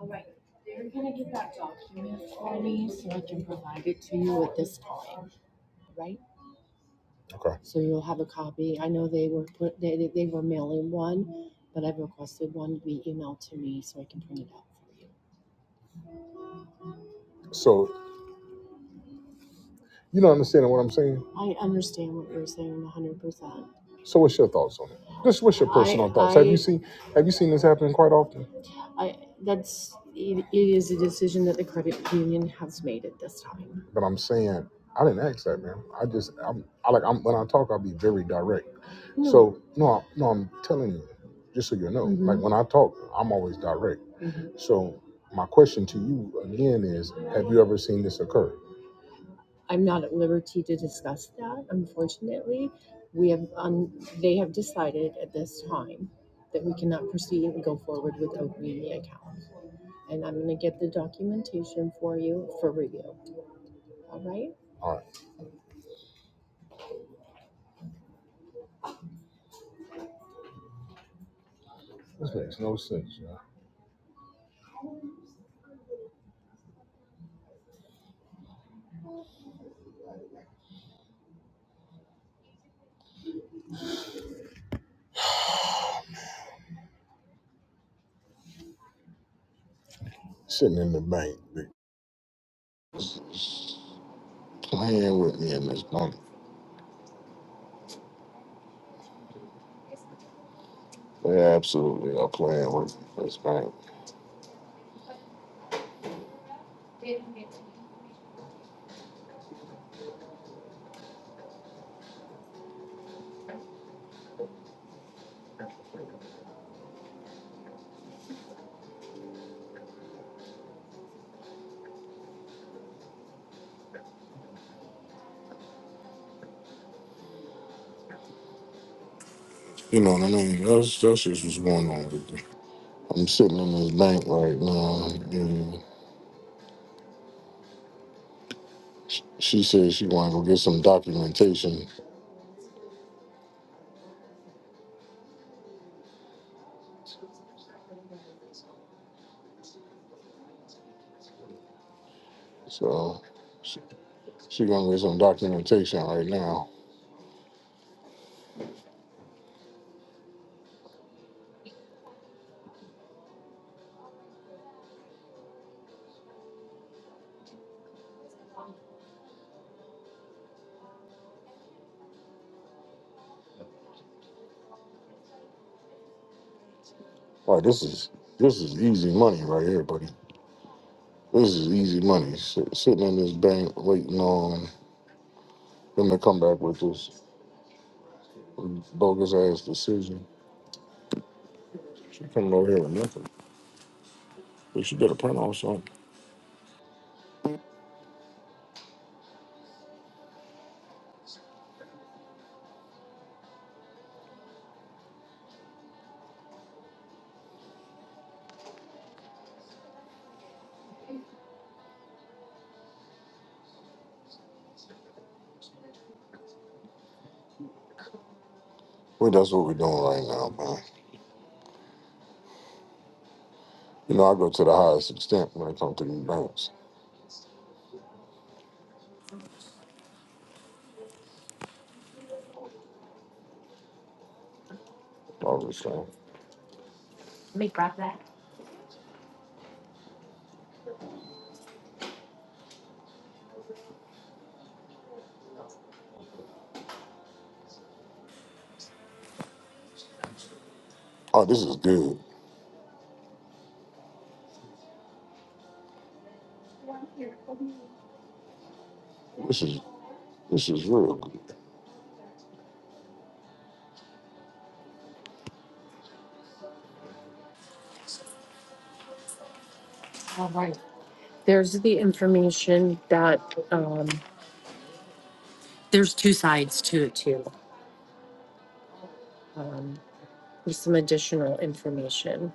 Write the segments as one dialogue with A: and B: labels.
A: All right, you're gonna get that document for me so I can provide it to you at this time, right? Okay. So you'll have a copy. I know they were put, they, they they were mailing one, but I've requested one to be emailed to me so I can print it out for you. So You don't understand what I'm saying? I understand what you're saying 100%. So what's your thoughts on it? Just what's your I, personal I, thoughts? Have you I, seen have you seen this happen quite often? I, that's, it, it is a decision that the credit union has made at this time. But I'm saying I didn't ask that, man. I just I'm I like I'm when I talk I'll be very direct. No. So no I- no I'm telling you, just so you know, like Mm-hmm. Like when I talk, I'm always direct. Mm-hmm. So my question to you again is have you ever seen this occur? I'm not at liberty to discuss that, unfortunately. We have, um, they have decided at this time that we cannot proceed and go forward with Oak Media account. And I'm gonna get the documentation for you for review, all right? All right. This makes no sense, man. Sitting in the bank, they playing with me in this bank. They absolutely are playing with me in this bank. You know what I mean? That's, that's just what's going on with me. I'm sitting in this bank right now. and Sh- She said she wanna go get some documentation, so she, she gonna get some documentation right now. Like this is this is easy money right here, buddy. This is easy money. Sit, sitting in this bank waiting on them to come back with this bogus ass decision. She coming over here with nothing. But she better print on something. Well, that's what we're doing right now, man. You know, I go to the highest extent when it comes to these banks. All this saying, oh, this is good. This is this is real good. There's two sides to it too. Um, there's some additional information.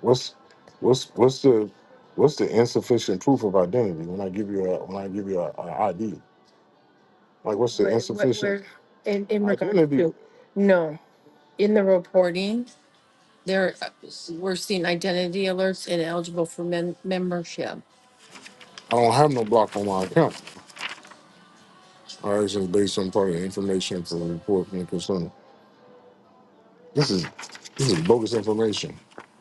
A: What's what's what's the what's the insufficient proof of identity when I give you a when I give you a, ID? Like what's the Where, where, insufficient where in, in regard identity? to, no, in the reporting, there, we're seeing identity alerts ineligible for mem- membership. I don't have no block on my account. All right, so based on part of the information for the report and concern. This is this is bogus information.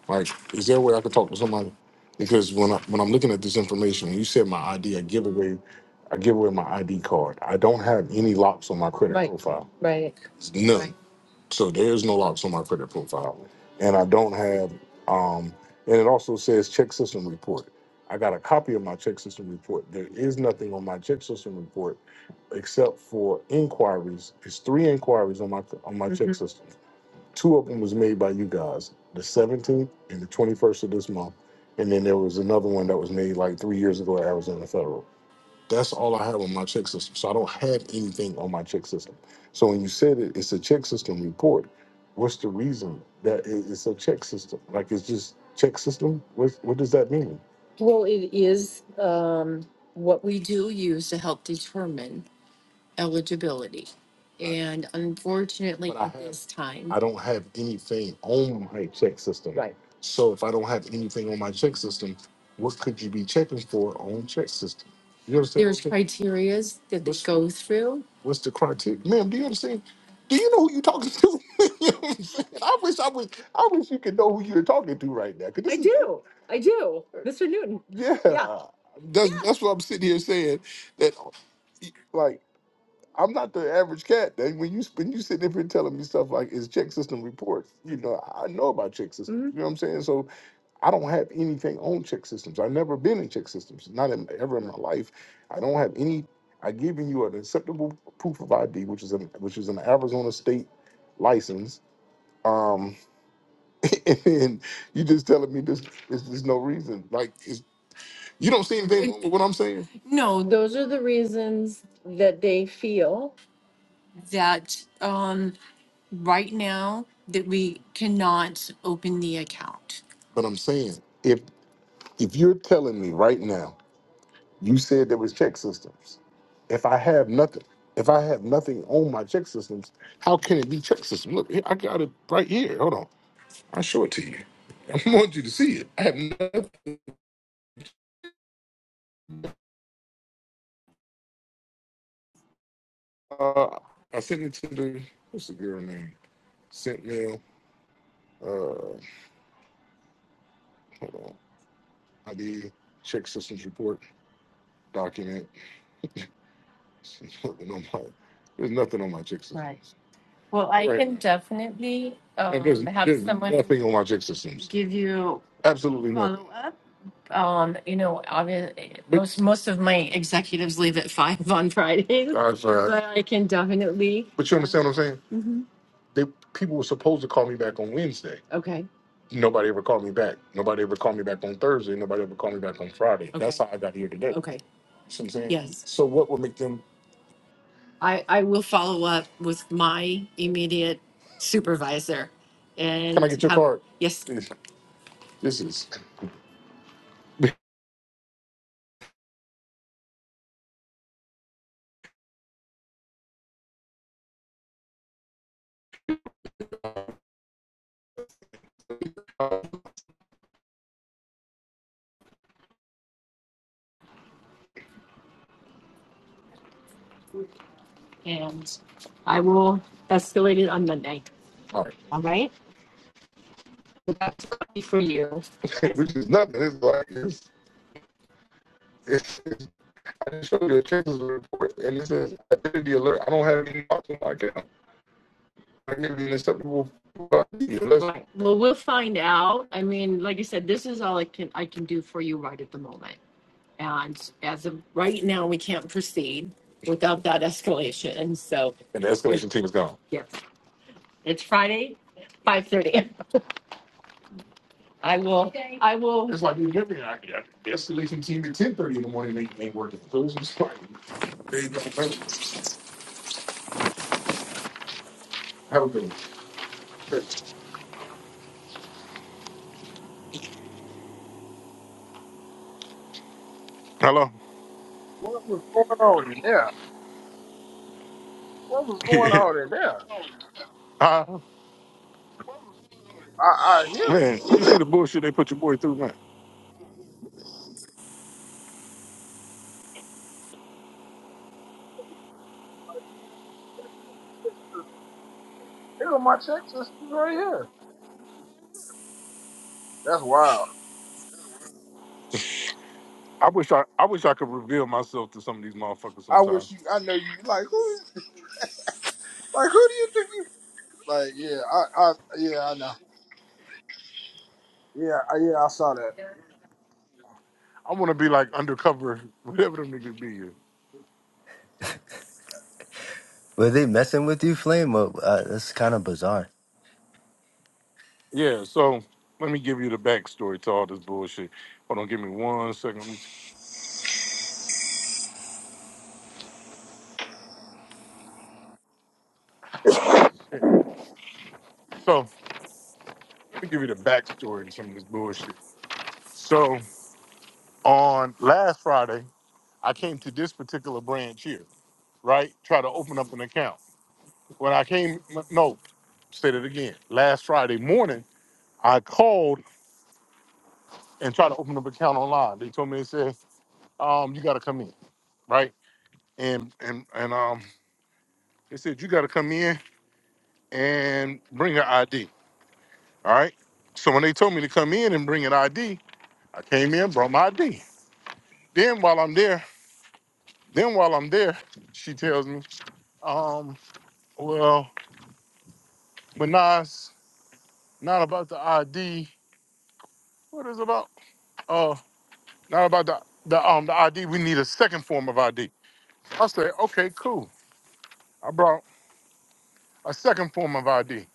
A: Like, is there a way I could talk to somebody? Because when I when I'm looking at this information, when you said my ID, I give away I give away my ID card. I don't have any locks on my credit Right, profile. None. right. So there's no locks on my credit profile. And I don't have um and it also says check system report. I got a copy of my check system report. There is nothing on my check system report except for inquiries. It's three inquiries on my on my hmm check system. Two of them was made by you guys, the 17th and the 21st of this month. And then there was another one that was made like three years ago at Arizona Federal. That's all I have on my check system. So I don't have anything on my check system. So when you said it, it's a check system report. What's the reason that it- it's a check system? Like it's just check system? What, what does that mean? Well, it is um, what we do use to help determine eligibility. And unfortunately, But I at have, this time, I don't have anything on my check system. right, So if I don't have anything on my check system, what could you be checking for on check system? You understand there's criterias that they What's go through. what's the criteria, ma'am? Do you understand? Do you know who you're talking to? You know what I'm saying? I wish I wish I wish you could know who you're talking to right now, because I is do. I do. Mr. Newton. Yeah. yeah. That's Yeah. that's what I'm sitting here saying that like. I'm not the average cat. That when you when you sitting there here telling me stuff like it's check system reports, you know, I know about check systems. hmm You know what I'm saying? So I don't have anything on check systems. I've never been in check systems, not in, ever in my life. I don't have any. I given you an acceptable proof of ID, which is an which is an Arizona state license. Um, and you just telling me this is there's no reason. Like it's, you don't see anything wrong with what I'm saying. No, those are the reasons that they feel that um, right now that we cannot open the account. But I'm saying, if if you're telling me right now, you said there was check systems. If I have nothing, if I have nothing on my check systems, how can it be check system? Look, I got it right here. Hold on, I'll show it to you. I want you to see it. I have nothing. Uh, I sent it to the what's the girl name? Sent mail. Uh, hold on. ID check systems report document. nothing on my there's nothing on my check system. Right. Well, I Right. can definitely And there's um have there's someone nothing on my check systems. give you Absolutely nothing. follow up. um you know obviously But most most of my executives leave at five on fridays I'm sorry. but i can definitely But you understand what I'm saying? They people were supposed to call me back on Wednesday. okay Nobody ever called me back. Nobody ever called me back on Thursday. Nobody ever called me back on Friday. That's okay how I got here today. okay See what I'm saying? yes So what would make them? I, I will follow up with my immediate supervisor Can I and get your have, card? yes, This this is, and I will escalate it on Monday. all right. All right? For you. Which is nothing. It's like, it's, it's, it's I just showed you a chances of report and it says identity alert. I don't have any marks on my account. I can't be an acceptable identity unless Right. Well, we'll find out. I mean, like I said, this is all I can, I can do for you right at the moment. And as of right now, we can't proceed without that escalation. And so, And the escalation team is gone. yes, it's Friday, five thirty. I will, Okay. I will, That's why you give me an idea. The escalation team at ten thirty in the morning ain't, ain't working. Those are starting. There you go. Have a good one. Sure. Hello.
B: What was going on in there? What was going on in there?
A: uh,
B: I, I hear it.
A: man, you see
B: Like,
A: the bullshit they put your boy through, man.
B: man, I ain't got nothing in Texas. Here are my check systems right here. That's wild.
A: I wish I, I wish I could reveal myself to some of these motherfuckers
B: I
A: sometime.
B: wish you. I know you. Like who? is- Like who do you think you? Like yeah. I. I yeah. I know. Yeah. I, yeah. I saw that.
A: I want to be like undercover, whatever them niggas be. yeah.
C: Were they messing with you, Flame? Or, uh, that's kind of bizarre.
A: Yeah, so let me give you the backstory to all this bullshit. Hold on, give me one second. Let me shit. So let me give you the backstory to some of this bullshit. So on last Friday, I came to this particular branch here, right? Try to open up an account. When I came, no, say that again. Last Friday morning, I called and tried to open up an account online. They told me they said, um, you gotta come in, right? And and and um they said you gotta come in and bring your ID. All right. So when they told me to come in and bring an ID, I came in, brought my ID. Then while I'm there, then while I'm there, she tells me, um, well, but nah, it's not about the ID. What is it about? Uh, not about the, the um the ID. We need a second form of ID. I said, okay, cool. I brought a second form of ID.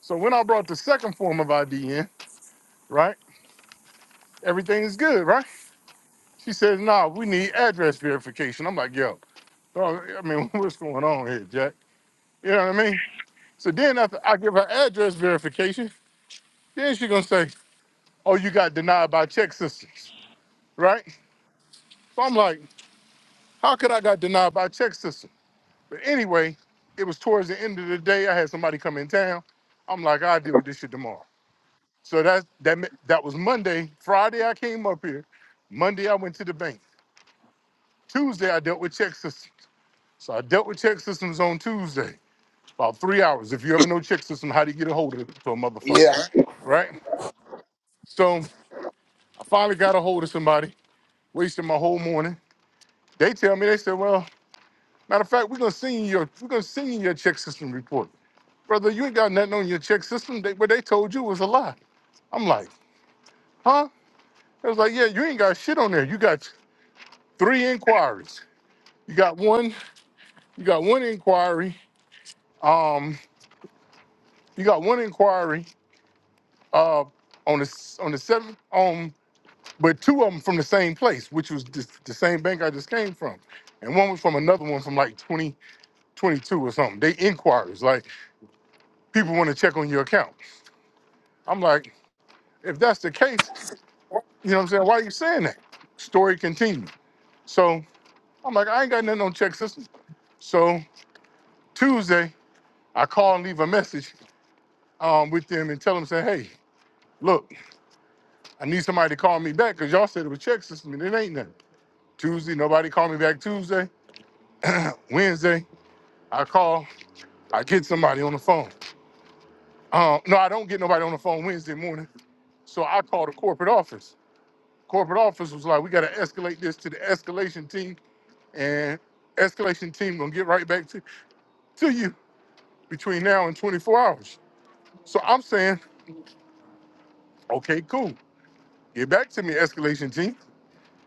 A: So when I brought the second form of ID in, right, everything is good, right? She says, nah, we need address verification. I'm like, yo, Oh, I mean, what's going on here, Jack? You know what I mean? So then after I give her address verification, then she gonna say, oh, you got denied by check systems, right? So I'm like, how could I got denied by check system? But anyway, it was towards the end of the day. I had somebody come in town. I'm like, I'll deal with this shit tomorrow. So that's that me- that was Monday. Friday I came up here. Monday I went to the bank. Tuesday I dealt with check systems. So I dealt with check systems on Tuesday. About three hours. If you ever know check system, how do you get a hold of to a motherfucker?
B: Yeah.
A: Right? So I finally got a hold of somebody, wasted my whole morning. They tell me, they said, well, matter of fact, we're gonna send you your we're gonna send you your check system report. Brother, you ain't got nothing on your check system. They, what they told you was a lie. I'm like, huh? It was like, yeah, you ain't got shit on there. You got three inquiries. You got one, you got one inquiry. Um, you got one inquiry uh on the s- on the seventh um, but two of them from the same place, which was just the same bank I just came from, and one was from another one from like 2022 or something. They inquiries like people want to check on your account. I'm like, if that's the case, you know what I'm saying? Why are you saying that? Story continued. So I'm like, I ain't got nothing on check system. So Tuesday, I call and leave a message um, with them and tell them, say, hey, look, I need somebody to call me back because y'all said it was check system and it ain't nothing. Tuesday, nobody called me back Tuesday. Wednesday, I call. I get somebody on the phone. Um, no, I don't get nobody on the phone Wednesday morning. So I called the corporate office. Corporate office was like, we got to escalate this to the escalation team, and escalation team gonna get right back to, to you between now and 24 hours. So I'm saying, okay, cool. Get back to me, escalation team,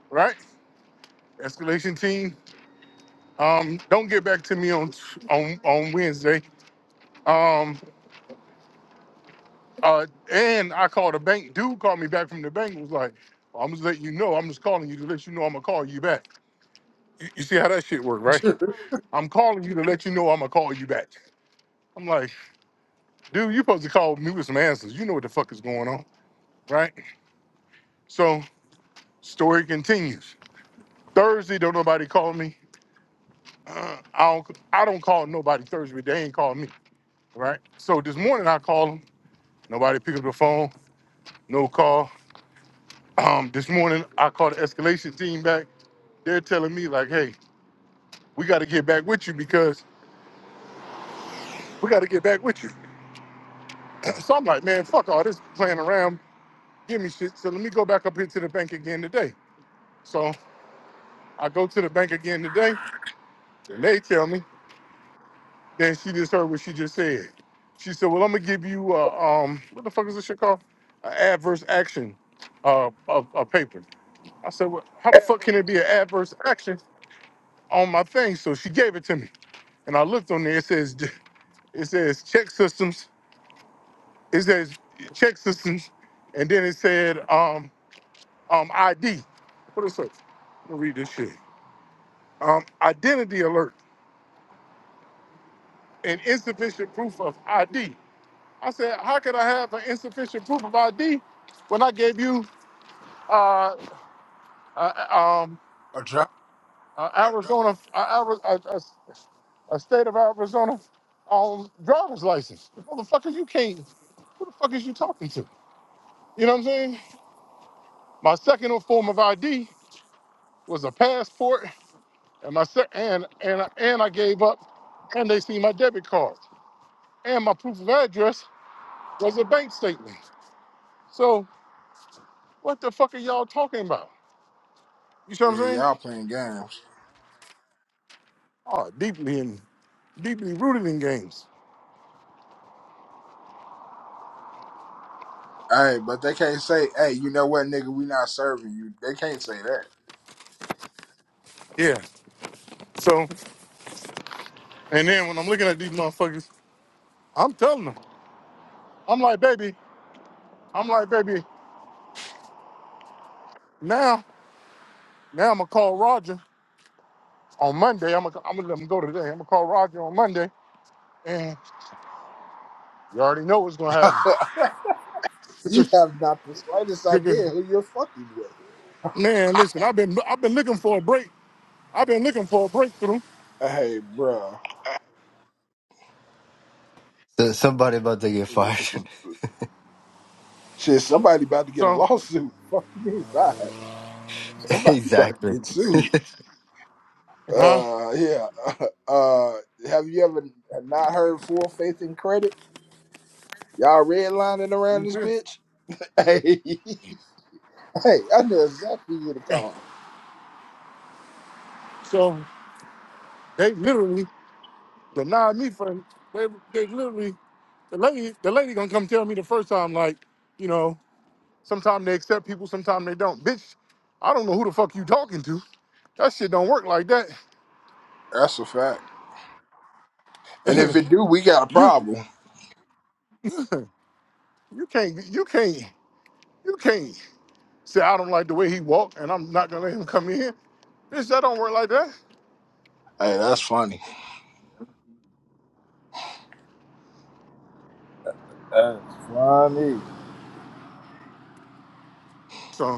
A: right? Escalation team, um, don't get back to me on on on Wednesday. Um, Uh, and I called a bank. Dude called me back from the bank. Was like, "Well, I'm just letting you know. I'm just calling you to let you know I'm gonna call you back. You, you see how that shit work, right? I'm calling you to let you know I'm gonna call you back. I'm like, dude, you supposed to call me with some answers. You know what the fuck is going on, right? So story continues. Thursday, don't nobody call me. Uh, I don't. I don't call nobody Thursday. They ain't call me, right? So this morning I call them. Nobody pick up the phone. No call. Um, this morning I called the escalation team back. they're telling me like, hey, we got to get back with you because we got to get back with you. so I'm like, man, fuck all this playing around. Give me shit. So let me go back up here to the bank again today. So I go to the bank again today. And they tell me. Then she just heard what she just said. She said, well, I'm gonna give you uh, um what the fuck is this shit called? An adverse action uh of a paper. I said, well, how the fuck can it be an adverse action on my thing? So she gave it to me, and I looked on there. It says it says check systems It says check system, and then it said um um ID. What is it? Let me read this shit. Um, identity alert and insufficient proof of ID. I said, how could I have an insufficient proof of ID when I gave you uh, uh uh, um
B: a drop.
A: uh, Arizona uh, Ari- a, a, a state of Arizona um driver's license? Motherfucker, you can't. Who the fuck is you talking to? You know what I'm saying? My second form of ID was a passport And my se- and and and I gave up, and they see my debit card and my proof of address was a bank statement. So what the fuck are y'all talking about? You see what I'm
B: Yeah.
A: saying?
B: Y'all playing games.
A: Oh, deeply in, deeply rooted in games.
B: Hey, but they can't say, "Hey, you know what, nigga? We not serving you." They can't say
A: Yeah. So and then when I'm looking at these motherfuckers, I'm telling them, I'm like, baby, I'm like, baby, now now I'm gonna call Roger on Monday. I'm gonna I'm gonna let him go today. I'm gonna call Roger on Monday, and you already know what's gonna happen.
B: that. You
A: Sugar,
B: have not the slightest
A: sugar,
B: idea who you're fucking with.
A: Man, listen, I've been I've been looking for a break. I've been looking for a breakthrough.
B: Hey, bruh.
C: So somebody about to get fired.
B: Shit, somebody about to get a
A: So,
B: lawsuit. Fuck me, right? Somebody about to
C: exactly.
B: get sued.
A: huh?
B: Uh, yeah. Uh, have you ever not heard full faith and credit? Y'all redlining around
A: You
B: this
A: feel?
B: bitch? Hey, hey, I know exactly who to call.
A: So they literally denied me for they they literally the lady the lady gonna come tell me the first time like you know sometimes they accept people sometimes they don't bitch I don't know who the fuck you talking to that shit don't work like that
B: That's a fact. And if it do, we got a
A: you
B: problem.
A: you can't you can't you can't say I don't like the way he walk and I'm not gonna let him come in here bitch that don't work like that
B: Hey, that's funny. That's funny.
A: So.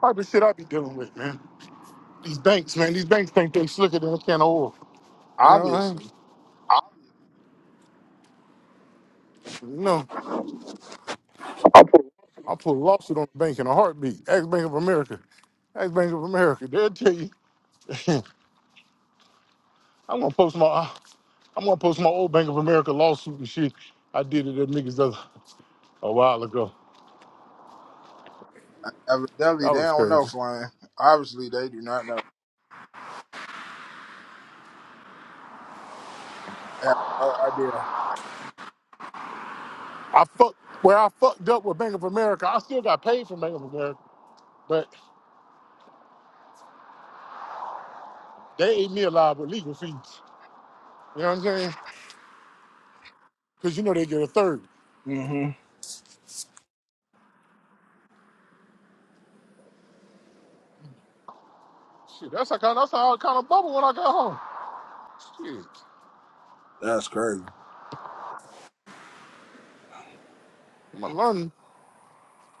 A: type of shit I be dealing with, man. These banks, man. These banks think they slicker than a can of oil. You know what I
B: Obviously.
A: mean? I, you know, I put a lawsuit on the bank in a heartbeat. Ask Bank of America. Ask Bank of America. They'll tell you. I'm gonna post my. I'm gonna post my old Bank of America lawsuit and shit. I did it at niggas a, a while ago.
B: Evidently,
A: That
B: they
A: was
B: don't know
A: crazy.
B: Flame. Obviously, they do not know. I have no idea.
A: I fucked where I fucked up with Bank of America. I still got paid from Bank of America, but they ate me alive with legal fees. You know what I'm saying? Because you know they get a third.
B: hmm
A: Shit, that's how kind that's how I kind of bubble when I got home. Shit,
B: That's crazy.
A: I learned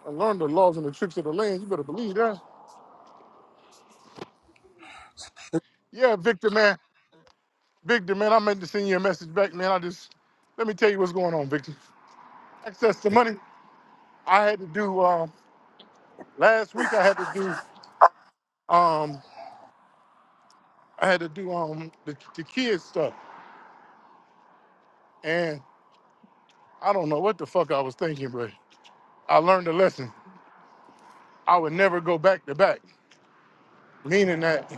A: I learned the laws and the tricks of the land. You better believe that. Yeah, Victor, man, Victor, man, I meant to send you a message back, man. I just let me tell you what's going on, Victor. Access to money. I had to do um, last week. I had to do um, I had to do um the, the kids stuff, and I don't know what the fuck I was thinking, but I learned a lesson. I would never go back to back, meaning that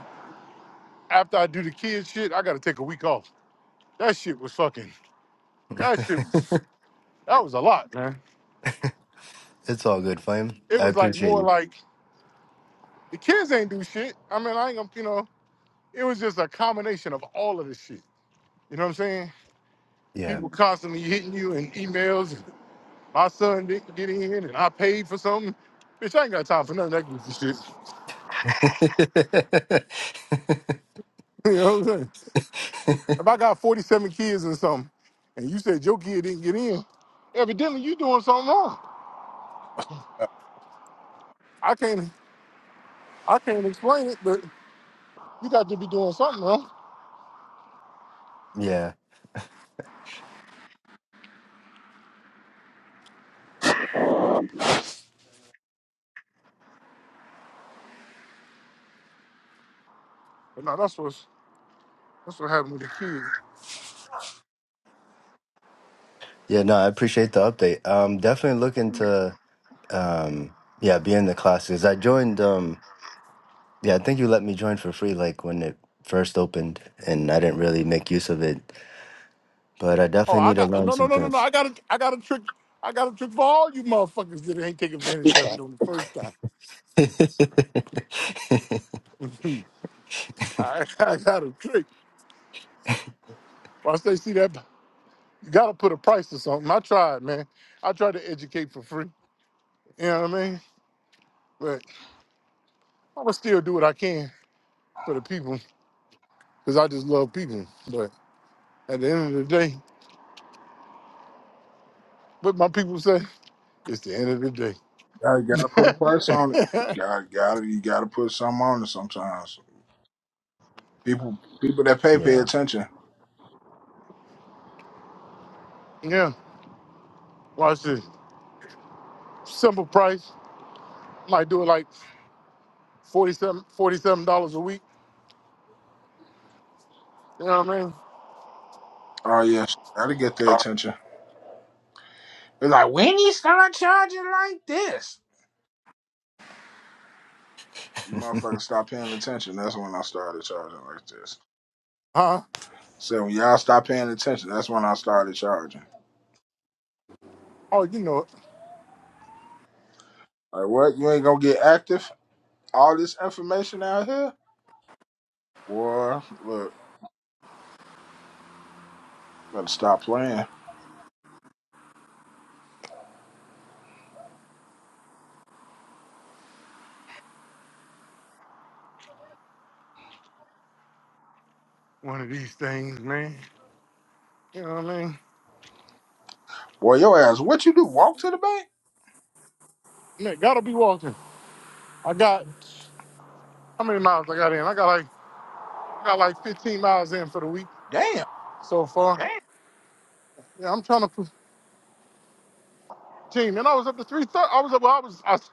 A: after I do the kids shit, I got to take a week off. That shit was fucking. That shit, that was a lot, man.
C: it's all good, Flame.
A: It
C: I
A: was like
C: appreciate
A: more
C: you.
A: like the kids ain't do shit. I mean, I ain't gonna, you know, it was just a combination of all of this shit. You know what I'm saying?
C: Yeah.
A: People constantly hitting you and emails. And my son didn't get in, and I paid for something. Bitch, I ain't got time for none of that goofy shit. You know what I'm saying? If I got 47 kids or something, and you said your kid didn't get in, evidently you doing something wrong. I can't, I can't explain it, but you got to be doing something wrong.
C: yeah.
A: But no, that's what's that's what happened with the kid.
C: Yeah, no, I appreciate the update. Um, definitely looking to, um, yeah, be in the classes. I joined, um, yeah, I think you let me join for free, like when it first opened, and I didn't really make use of it. But I
A: Oh,
C: definitely
A: I
C: need to
A: got
C: learn
A: no, no,
C: some
A: no, no, no.
C: things.
A: I got a, I got a trick. I got a trick for all you motherfuckers that ain't take
B: I
A: advantage of it on the first time. I, I got a trick. Once they see that, you gotta put a price or something. I tried, man. I tried to educate for free. You know what I mean? But I'm gonna still do what I can for the people because I just love people. But at the end of the day, what my people say, it's the end of the day.
B: gotta put a price on it. God, gotta you gotta put something on it sometimes. People, people that pay
C: yeah.
B: pay attention.
A: yeah. Watch this. Simple price. Might do it like 47 dollars a week You know what I mean?
B: Oh yes, gotta get their attention. They're like, when you start charging like this, you motherfuckers stop paying attention. That's when I started charging like this.
A: Huh?
B: So when y'all stop paying attention, that's when I started charging.
A: Oh, you know it.
B: Like what? You ain't gonna get active? All this information out here? Boy, look, better stop playing.
A: One of these things, man. You know what I mean?
B: Boy, your ass, what you do? Walk to the bank?
A: Man, gotta be walking. I got how many miles I got in? I got like I got like 15 miles in for the week
B: Damn.
A: so far. Dang. Yeah, I'm trying to put team. And I was up to 330. I was up. Well, I was I, was-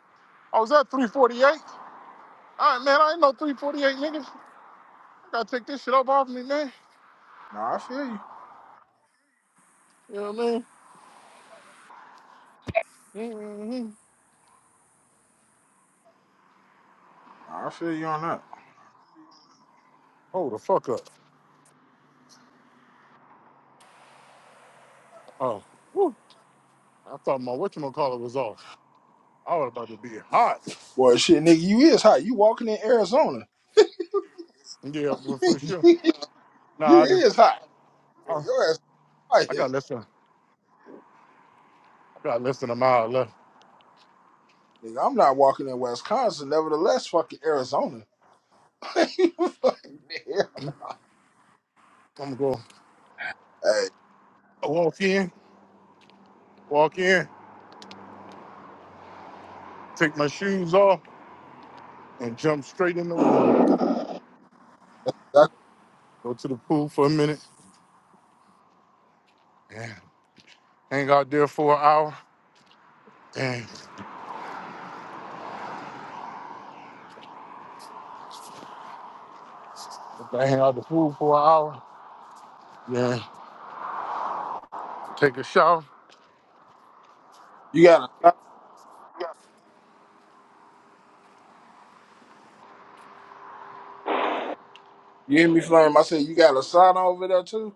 A: I was at 348. All right, man. I ain't no 348 niggas. I gotta take this shit up off me, man.
B: Nah, I feel you.
A: You know what I mean? Mm-hmm.
B: Nah, I feel you on that.
A: Hold the fuck up. Oh, whew. I thought my whatchamacallit was off. I was about to be hot.
B: Boy, shit, nigga, you is hot. You walking in Arizona.
A: Yeah, well, for sure.
B: you
A: No, I just
B: is hot. Boy,
A: Oh,
B: your ass hot
A: I
B: here.
A: got less than I got less than a mile left.
B: Nigga, I'm not walking in Wisconsin. Nevertheless, fucking Arizona. Fucking hell.
A: I'm gonna go
B: hey,
A: walk in, walk in, take my shoes off, and jump straight in the water.
B: that-
A: Go to the pool for a minute and hang out there for an hour. And if I hang out the pool for an hour, then take a shower.
B: you got a You hear me, Flame? I said, you got a sign over there, too?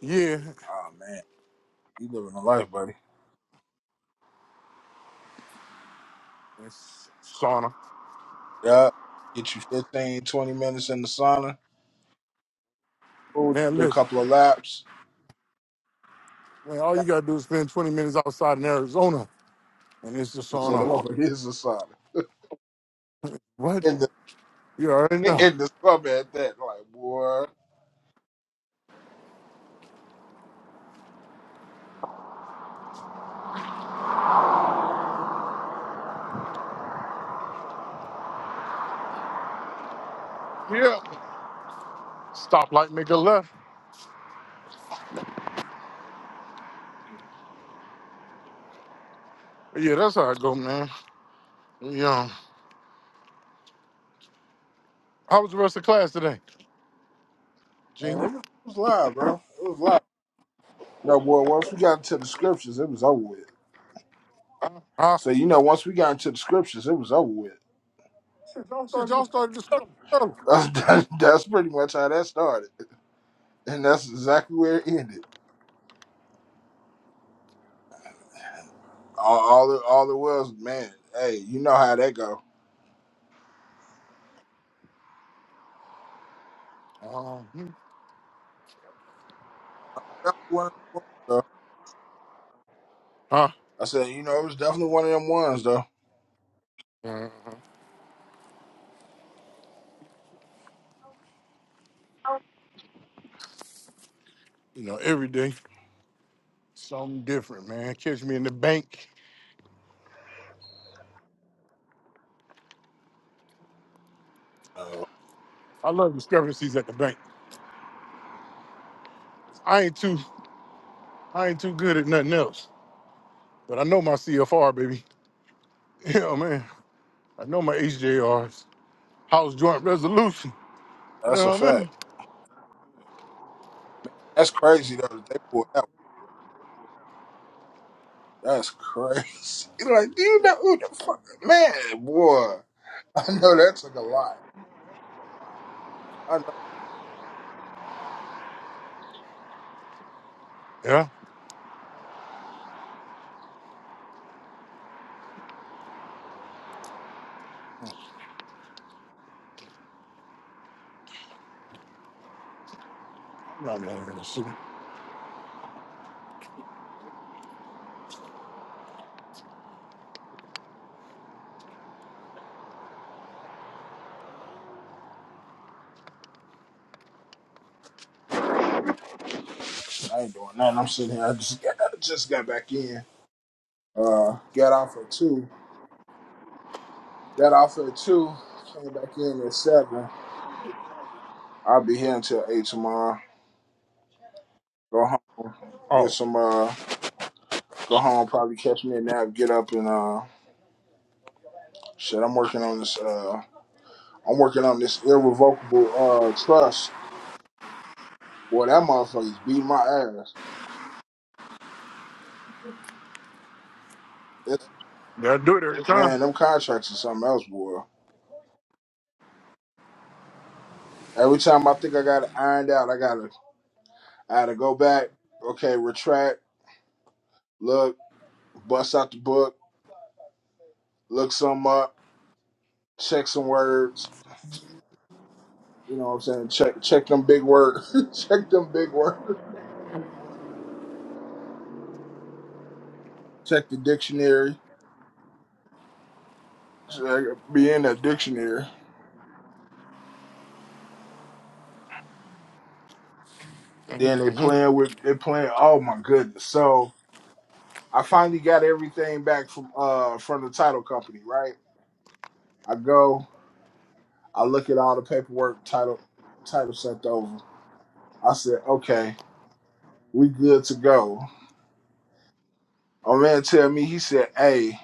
A: Yeah,
B: Oh, man. You living a life, buddy.
A: it's sauna.
B: Yeah. Get you 15, 20 minutes in the sauna. We'll
A: Man,
B: do a
A: listen,
B: couple of laps.
A: man, all you gotta do is spend 20 minutes outside in Arizona, and it's the
B: So the
A: sauna.
B: over here's the sign.
A: What?
B: In the
A: You already know.
B: in the summer at that, like boy,
A: Yeah. Stoplight, make a left. Yeah, that's how I go, man. Yeah. How was the rest of class today,
B: man, it
A: Gene?
B: was, it was live, bro. It was live. No, boy. Once we got into the scriptures, it was over with.
A: Huh?
B: So you know, once we got into the scriptures, it was over with.
A: Shit, y'all started discussing early.
B: That's, that's, that's pretty much how that started, and that's exactly where it ended. All all it, all it was, man. Hey, you know how that go.
A: Uh-huh.
B: That's one of them ones, though.
A: Huh?
B: I said, you know, it was definitely one of them ones, though.
A: Uh-huh. You know, every day, something different, man. Catch me in the bank.
B: Uh,
A: I love discrepancies at the bank. I ain't too, I ain't too good at nothing else, but I know my CFR, baby. Yeah, man. I know my H J Rs. house joint resolution. You
B: that's a
A: know what I
B: fact.
A: mean?
B: That's crazy though that they pulled that. One. That's crazy. Like, do you know who the fuck, man, boy? I know that took a lot. I
A: Yeah.
B: know.
A: I'm not gonna let shoot.
B: I ain't doing nothing. I'm sitting here. I just got, I just got back in. Uh, got off at two. Got off at two. Came back in at seven. I'll be here until eight tomorrow. Go home. Get
A: Oh,
B: some. Uh, go home. Probably catch me a nap. Get up and uh, shit. I'm working on this. Uh, I'm working on this irrevocable uh trust. Boy, that motherfucker's beating my ass. It's,
A: they do it every time.
B: man, them contracts are something else, boy. Every time I think I got it ironed out, I gotta, I gotta go back. Okay, retract. Look, bust out the book. Look some up. Check some words. You know what I'm saying? Check, check them big words. check them big words. Check the dictionary. Check, be in that dictionary. Then they
A: Mm-hmm.
B: playing with, they playing. Oh my goodness! So I finally got everything back from, uh, from the title company, right? I go. I look at all the paperwork title title sent over. I said, okay, we good to go. My man tell me, he said, hey,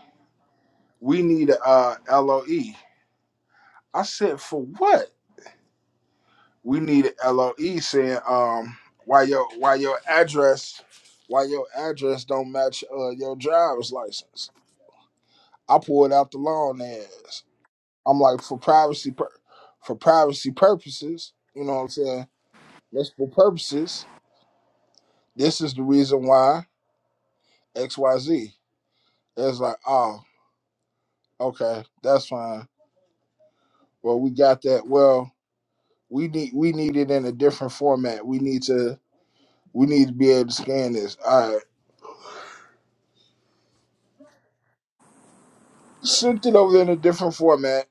B: we need a uh, LOE. I said, for what? We need a LOE saying um why your why your address why your address don't match uh, your driver's license. I pulled out the long ass. I'm like for privacy pur- for privacy purposes, you know what I'm saying? Multiple purposes. This is the reason why XYZ. It's like, oh, okay, that's fine. Well, we got that. Well, we need we need it in a different format. We need to we need to be able to scan this. All right. Sent it over in a different format.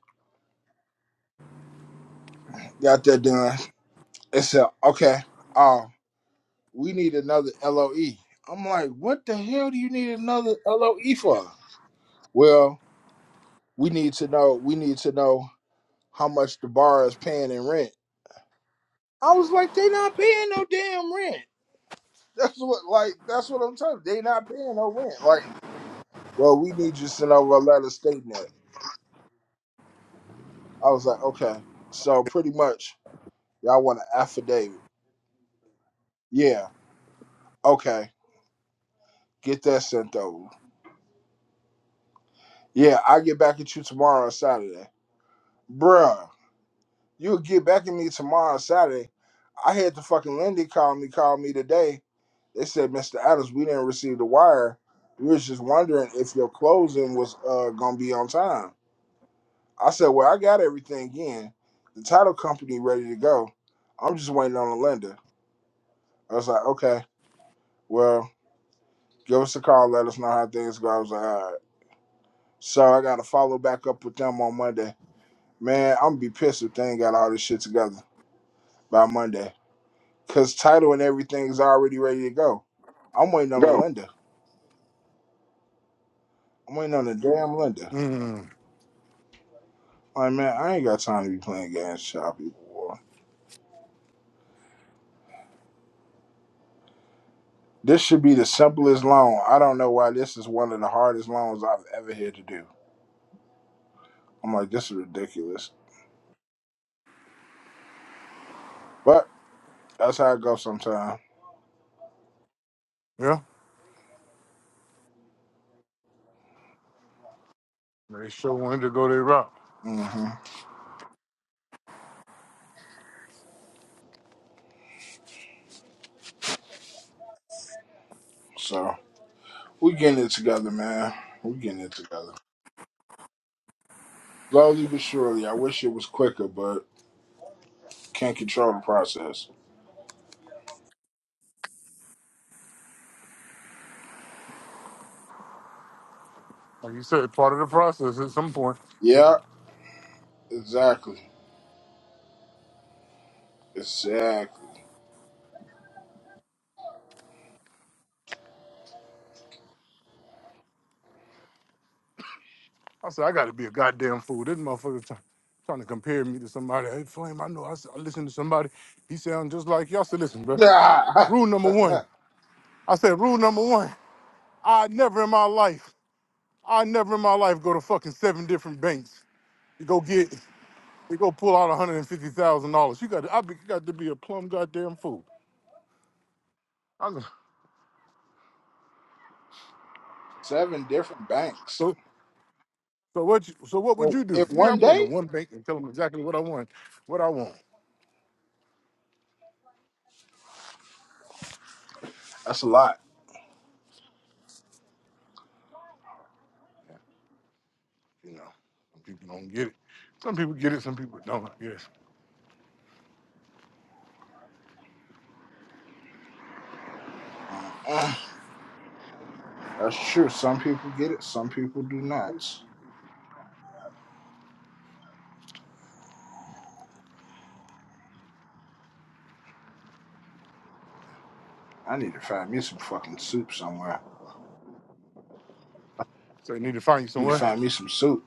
B: Got that done. It said, okay, oh, we need another L O am like, what the hell do you need another LOE for? Well, we need to know we need to know how much the bar is paying in rent. I was like, they not paying no damn rent. That's what like that's what I'm talking. They not paying no rent. Like, well, we need you to send over a letter stating that. I was like, okay. So pretty much y'all want an affidavit. Yeah. Okay. Get that sent over. Yeah, I'll get back at you tomorrow on Saturday. Bruh, you'll get back at me tomorrow on Saturday. I had the fucking Lindy call me, call me today. They said, Mr. Adams, we didn't receive the wire. We was just wondering if your closing was uh gonna be on time. I said, Well, I got everything in. The title company ready to go. I'm just waiting on the lender. I was like, Okay, well, give us a call, let us know how things go. I was like, all right. So I gotta follow back up with them on Monday. Man, I'm gonna be pissed if they ain't got all this shit together by Monday. Cause title and everything's already ready to go. I'm waiting on the lender. I'm waiting on the damn lender.
A: Mm-hmm.
B: Like, man, I ain't got time to be playing games, child people. boy. This should be the simplest loan. I don't know why this is one of the hardest loans I've ever had to do. I'm like, this is ridiculous. But that's how it goes sometimes.
A: Yeah. They sure wanted to go their route.
B: hmm So we getting it together, man. We getting it together. Slowly but surely. I wish it was quicker, but can't control the process.
A: Like you said, part of the process at some point.
B: Yeah, exactly. Exactly.
A: I said, I got to be a goddamn fool. This motherfucker try- trying to compare me to somebody. Hey, Flame, I know. I, s- I listen to somebody. He sound just like you. I said, listen, bro.
B: Yeah.
A: Rule number one. I said, rule number one. I never in my life, I never in my life go to fucking seven different banks to go get, to go pull out $150,000. You got to, I be, you got to be a plum goddamn fool. I go,
B: Seven different banks
A: so, so what you, so what would
B: in,
A: you do?
B: in
A: Nigga,
B: one
A: I'm going
B: day?
A: to one bank and tell them exactly what I want, what I want.
B: That's a lot.
A: You know, some people don't get it. Some people get it, some people don't, I guess.
B: Mm-mm. That's true. Some people get it, some people do not. I need to find me some fucking soup somewhere.
A: So you need to find you
B: I need to
A: somewhere.
B: find me some soup.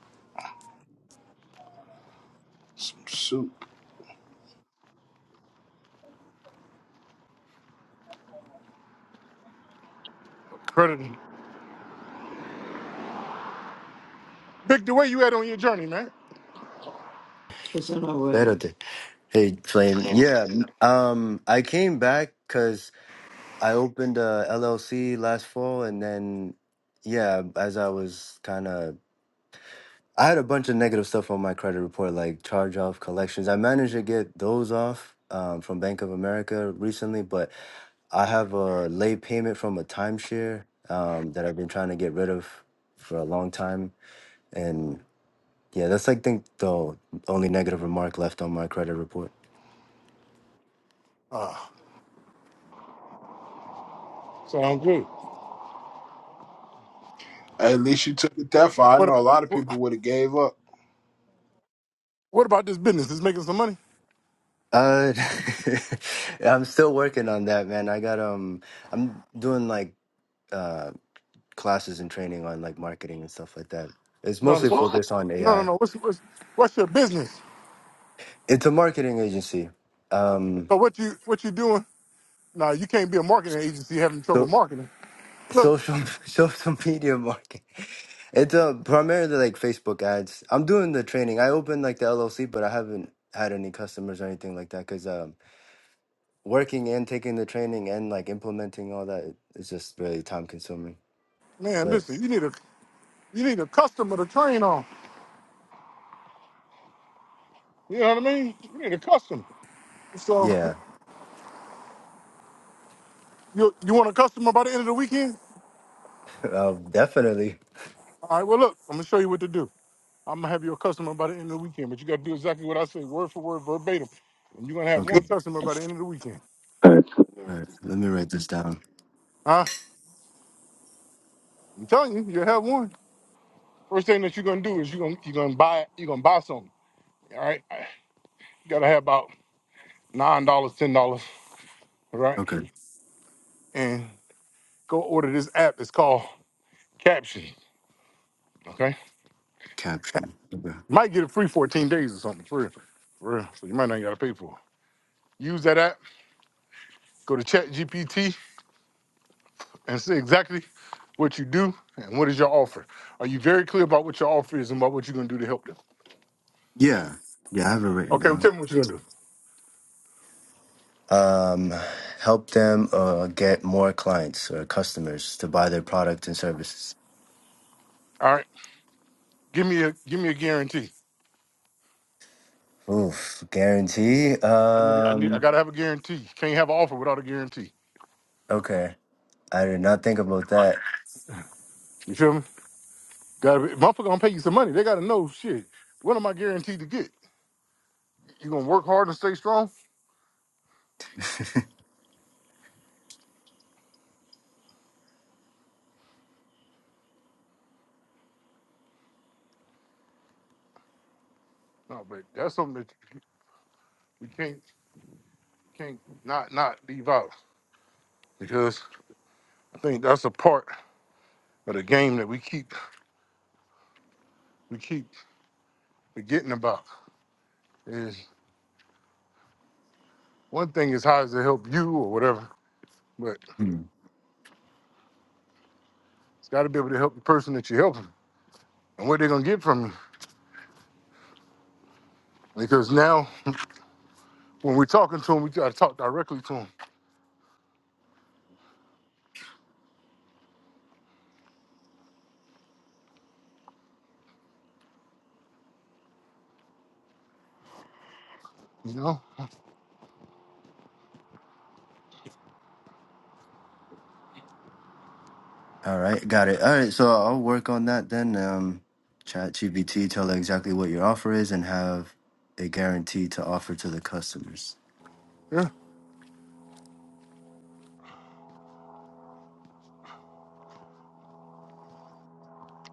B: Some soup.
A: Credit. Vic, the way you at on your journey, man.
C: It's Better than hey flame. Yeah, um, I came back because I opened a LLC last fall, and then yeah, as I was kind of, I had a bunch of negative stuff on my credit report, like charge off collections. I managed to get those off um, from Bank of America recently, but I have a late payment from a timeshare um, that I've been trying to get rid of for a long time, and yeah, that's I think the only negative remark left on my credit report.
A: Uh, so I'm good.
B: At least you took it that far. I
A: What,
B: know a lot of people
A: what
B: would have gave up.
A: what about this business? Is making some money?
C: Uh, I'm still working on that, man. I got um, I'm doing like uh classes and training on like marketing and stuff like that. It's
A: No,
C: mostly
A: It's mostly
C: focused on
A: no,
C: AI.
A: no. What's, what's what's your business?
C: It's a marketing agency. Um,
A: So what you what you doing? Nah, you can't be a marketing agency having trouble
C: so
A: marketing. Look,
C: social social media marketing. It's uh primarily like Facebook ads. I'm doing the training. I opened like the LLC, but I haven't had any customers or anything like that because um, working and taking the training and like implementing all that is just really time consuming.
A: man,
C: But
A: listen. You need a you need a customer to train on. You know what I mean? You need a customer. So
C: yeah.
A: you you want a customer by the end of the weekend?
C: Uh, definitely.
A: All right, well, look, I'm going to show you what to do. I'm going to have you a customer by the end of the weekend, but you got to do exactly what I say, word for word, verbatim. And you're going to have one
C: Okay.
A: customer by the end of the weekend.
C: All right. Let me write this down.
A: Huh? I'm telling you, you'll have one. First thing that you're going to do is you're going to you're gonna buy you're gonna buy something. All right? You got to have about $9, dollars, $10, all right?
C: Okay.
A: And go order this app. It's called Caption, okay?
C: Caption. Okay.
A: might get it free 14 days or something, for real. For real. So you might not got to pay for it. Use that app. Go to ChatGPT and see exactly what you do and what is your offer. Are you very clear about what your offer is and about what you're gonna do to help them?
C: Yeah. Yeah, I have it written
A: Okay, well,
C: down.
A: tell me what you're gonna do.
C: Um, help them uh, get more clients or customers to buy their product and services.
A: All right, give me a give me a guarantee.
C: Oof, guarantee.
A: I need I need I
C: Um,
A: gotta have a guarantee. You can't have an offer without a guarantee.
C: okay, I did not think about that.
A: You feel me? Gotta be, motherfucker gonna pay you some money. They gotta know shit. What am I guaranteed to get? You gonna work hard and stay strong? No, but that's something that you- we can't can't not not leave out because I think that's a part of the game that we keep we keep forgetting about. One thing is how does it help you or whatever, but
C: Hmm.
A: it's got to be able to help the person that you're helping and what they're gonna get from you. Because now when we're talking to them, we gotta talk directly to them. You know?
C: All right, got it. All right, so I'll work on that then. Um, chat GPT, tell her exactly what your offer is and have a guarantee to offer to the customers.
A: Yeah.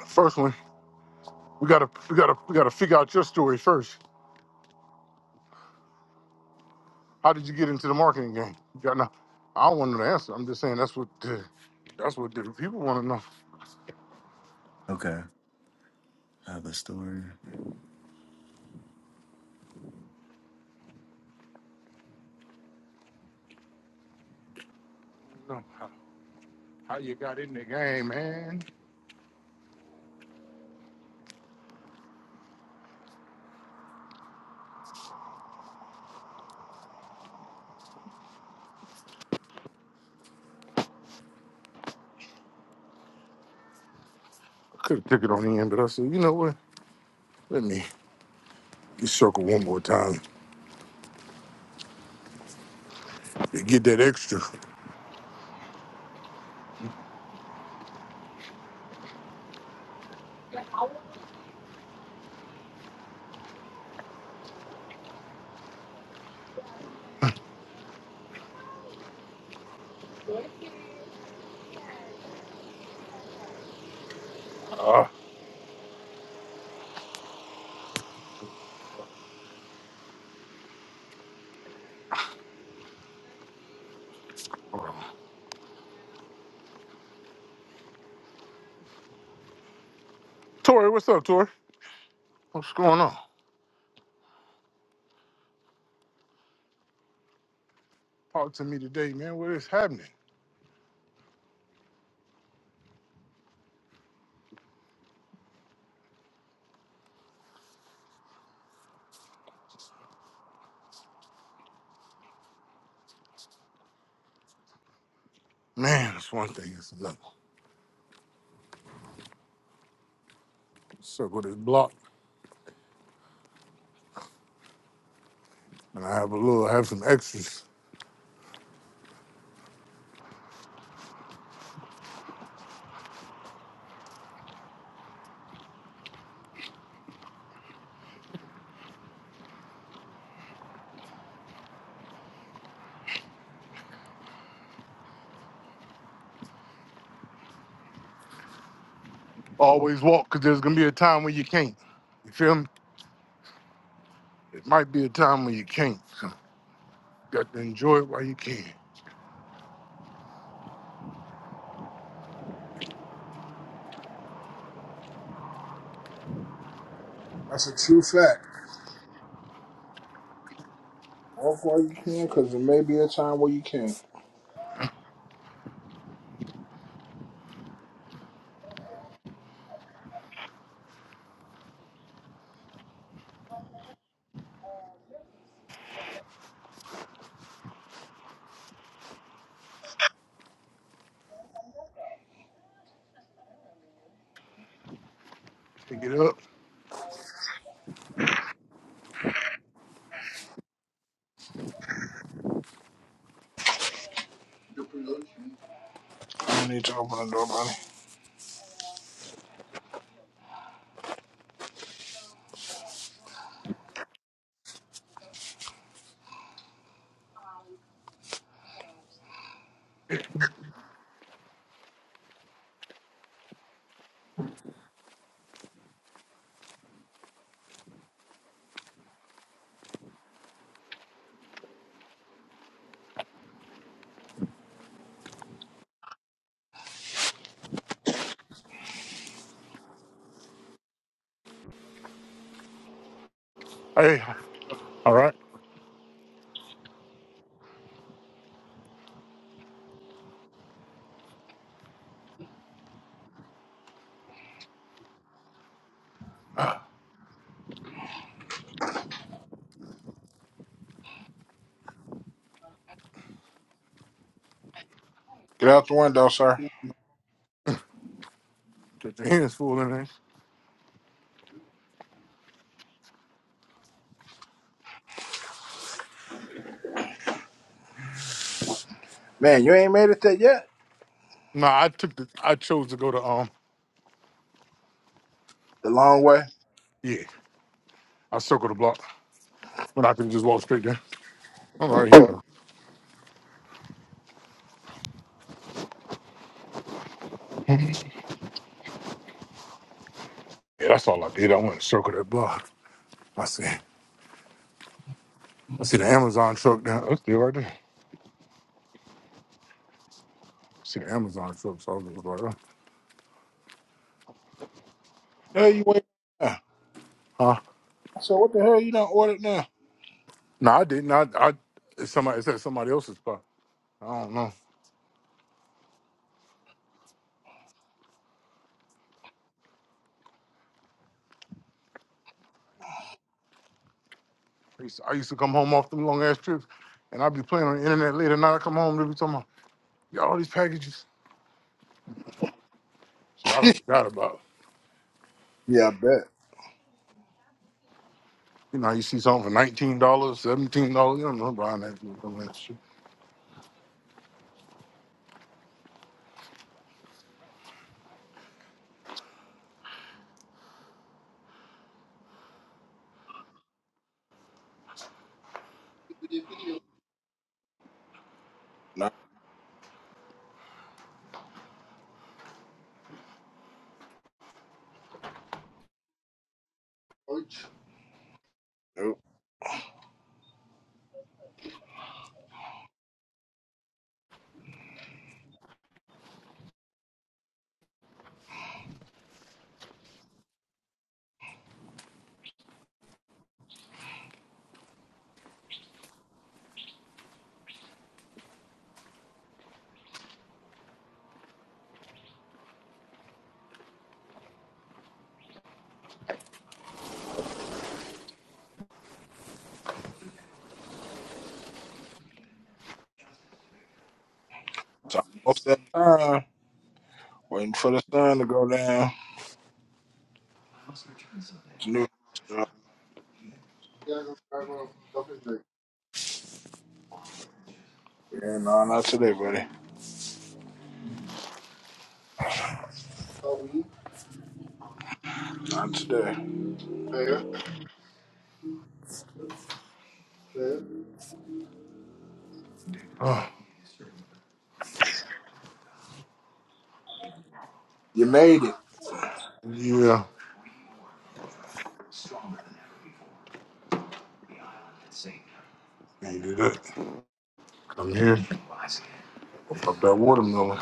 A: First one, we gotta we gotta we gotta figure out your story first. How did you get into the marketing game? You got no, I don't want to know the answer. I'm just saying that's what the, that's what the people want to know.
C: Okay. have a story.
A: You know, how, how you got in the game, man? I could have took it on the end, but I said, you know what? Let me just circle one more time to get that extra. Ah. Tori, what's up, Tori? What's going on? Talk to me today, man. What is happening? Man, it's one thing, it's another. Circle this block, and I have a little, I have some extras. Always walk, because there's going to be a time when you can't. You feel me? It might be a time when you can't. So you got to enjoy it while you can.
B: That's a true fact. Walk while you can, because there may be a time where you can.
A: Pick it up.
B: I don't need to open the door, buddy.
A: Hey, all right. Ah,
B: Get out the window, sir.
A: Get your hands full in there.
B: Man, you ain't made it there yet.
A: Nah, I took the, I chose to go to, um,
B: The long way.
A: yeah, I circled the block when I could just walk straight there. I'm right here, though. Yeah, that's all I did. I went to circle that block. I said, I see the Amazon truck down. That's still right there. I see the Amazon truck. So I was just like, uh,
B: Hell, you wait. I
A: huh?
B: said, what the hell you done ordered now?
A: No, I didn't. I, I it's somebody it's at somebody else's spot. I don't know. I used, I used to come home off them long ass trips, and I'd be playing on the internet later. Now I come home, they be talking about "Yeah, all these packages. Shit, I don't forgot about.
B: Yeah, I bet.
A: You know, you see something for nineteen dollars, seventeen dollars. You don't know buying that shit. Some of shit.
B: No. Nope. It's almost that time. Waiting for the sun to go down. It's new stuff. Yeah, no, not today, buddy. Not today. There.
A: Oh,
B: You made it.
A: yeah, needed it. Come here, pop that watermelon.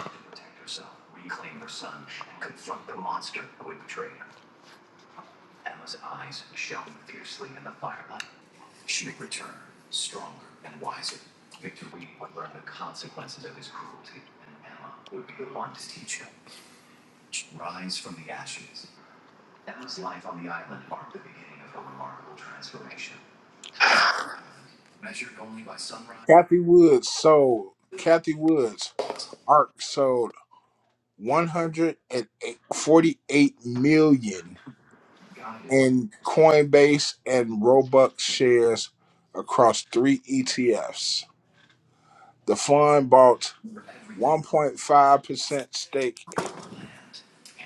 B: Kathy Woods sold. Kathy Woods ARC sold 148 million in Coinbase and Robux shares across three ETFs. The fund bought 1.5% stake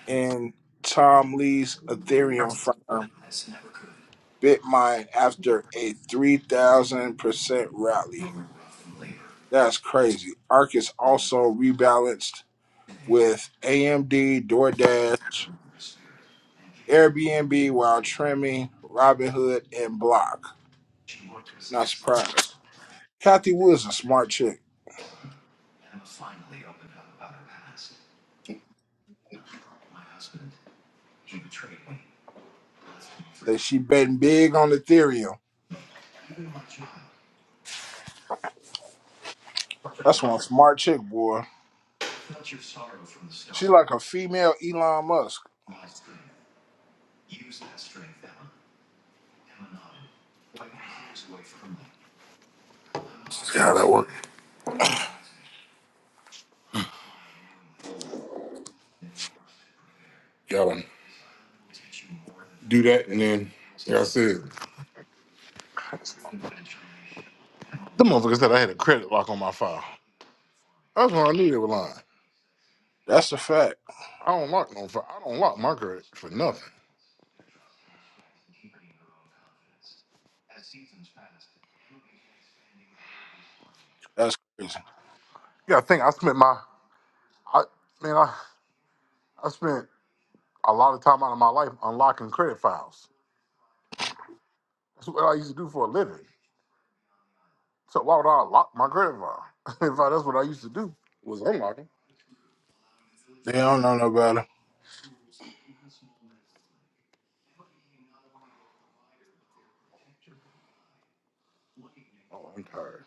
B: in Tom Lee's Ethereum firm BitMine after a 3,000% rally. That's crazy. Arc is also rebalanced with AMD, DoorDash, Airbnb while trimming Robinhood and Block. Not surprised. Kathy Wood's a smart chick. That she betting big on Ethereum. That's one smart chick, boy. She like a female Elon Musk.
A: That work. Gotta do that, and then like I said. The motherfucker said I had a credit lock on my file. That's when I knew they were lying.
B: That's a fact.
A: I don't lock no file. I don't lock my credit for nothing.
B: That's crazy.
A: You gotta think I spent my I man, I, I spent a lot of time out of my life unlocking credit files. That's what I used to do for a living. So why would I lock my credit file? if I, that's what I used to do was unlocking.
B: They don't know no better.
A: Oh, I'm tired.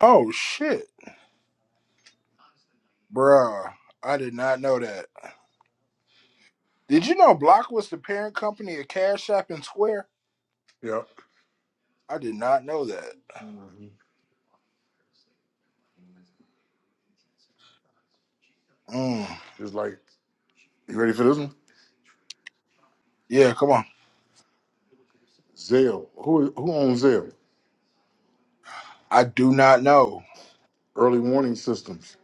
B: Oh shit. Bruh, I did not know that. Did you know Block was the parent company of Cash App and Square?
A: Yeah.
B: I did not know that. Mm.
A: Just like you ready for this one?
B: Yeah, come on.
A: Zelle. Who who owns Zelle?
B: I do not know.
A: Early warning systems.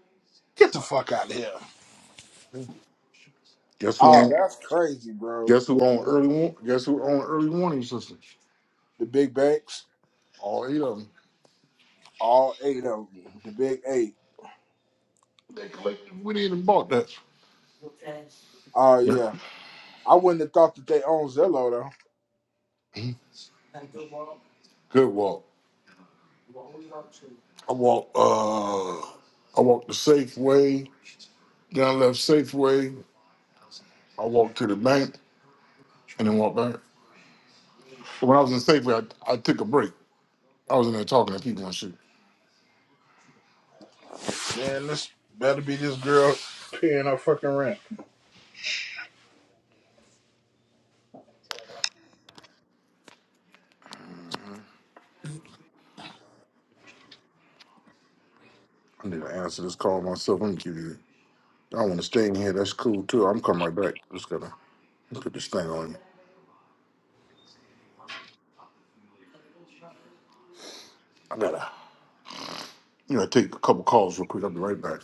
B: Get the fuck out of here.
A: Guess who
B: Oh,
A: on
B: that's crazy, bro.
A: guess who on early warn guess who on early warning systems?
B: The big banks,
A: All eight of them.
B: all eight of them. The big eight.
A: They collected, went in and bought that.
B: Oh
A: Yeah.
B: yeah. I wouldn't have thought that they own Zillow though.
A: Good walk. I walked. Uh, I walked the Safeway. Then I left Safeway. I walked to the bank and then walked back. When I was in Safeway, I, I took a break. I was in there talking to people and shit.
B: Man, this better be this girl paying her fucking rent.
A: I need to answer this call myself. Let me give you. I want to stay in here. That's cool too. I'm coming right back. Just gotta put this thing on you. I gotta, you know, take a couple calls real quick. I'll be right back.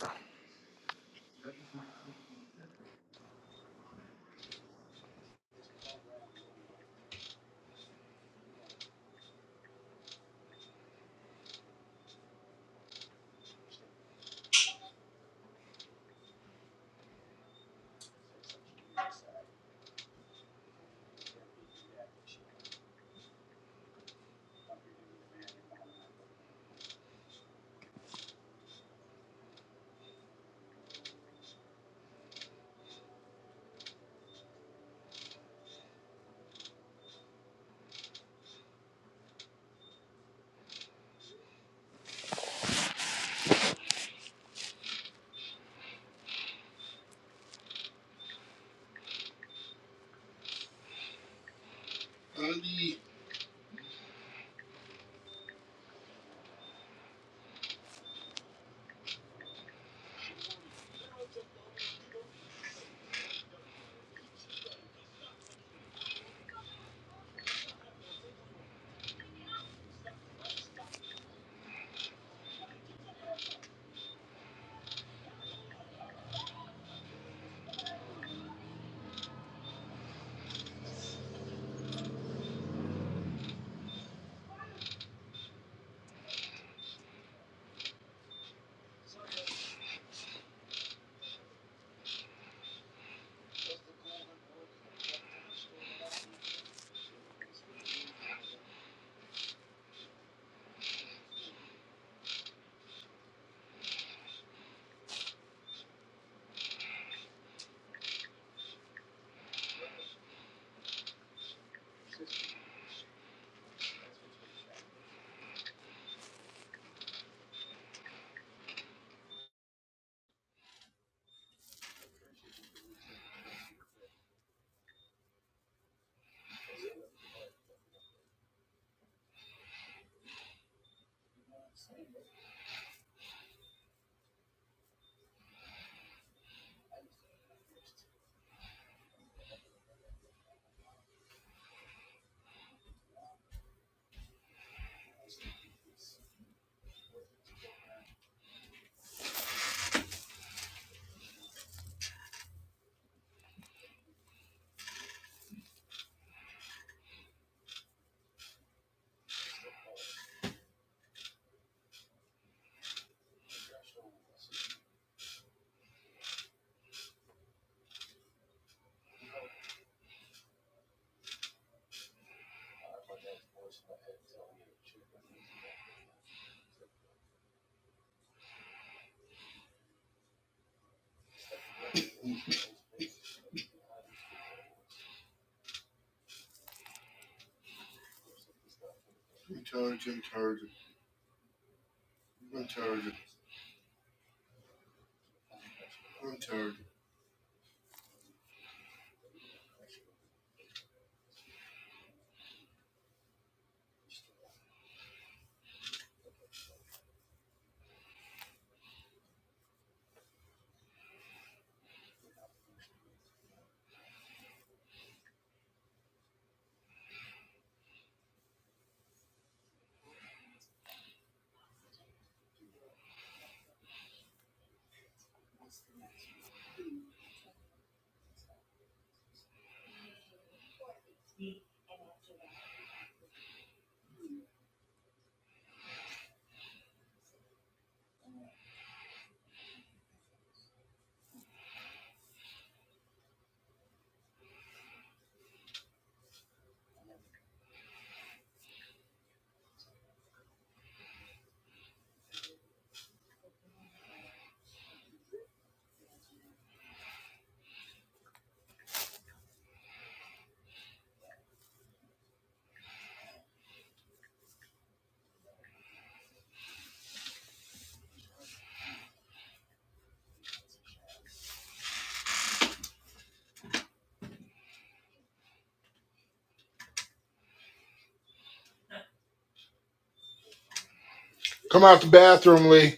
B: Come out the bathroom, Lee.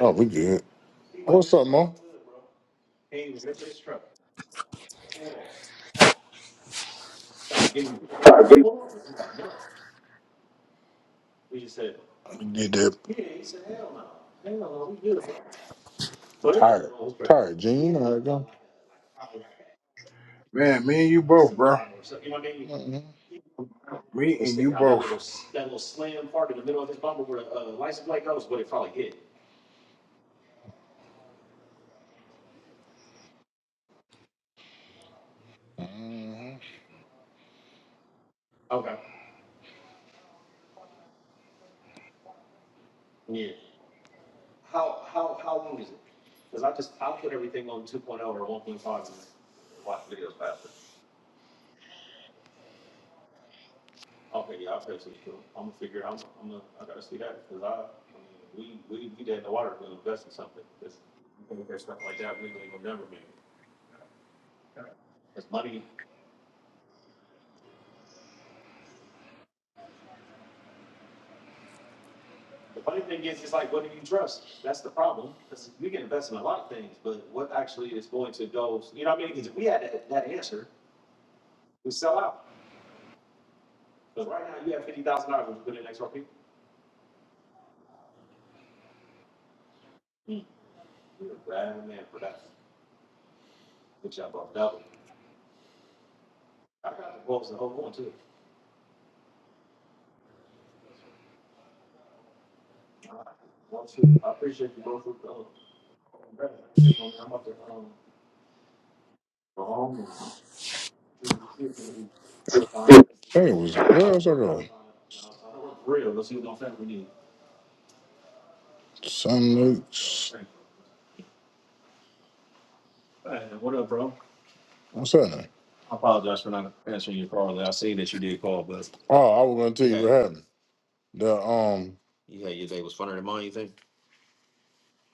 A: Oh, we good. What's up, Mo? You did that. All right, Gene. You know how it
B: Man, me and you both, bro.
A: go.
B: Me and you both.
A: Mhm. Hey, was where else I go? St. Luke's. What's that? Oh, I was gonna tell you what happened. The um,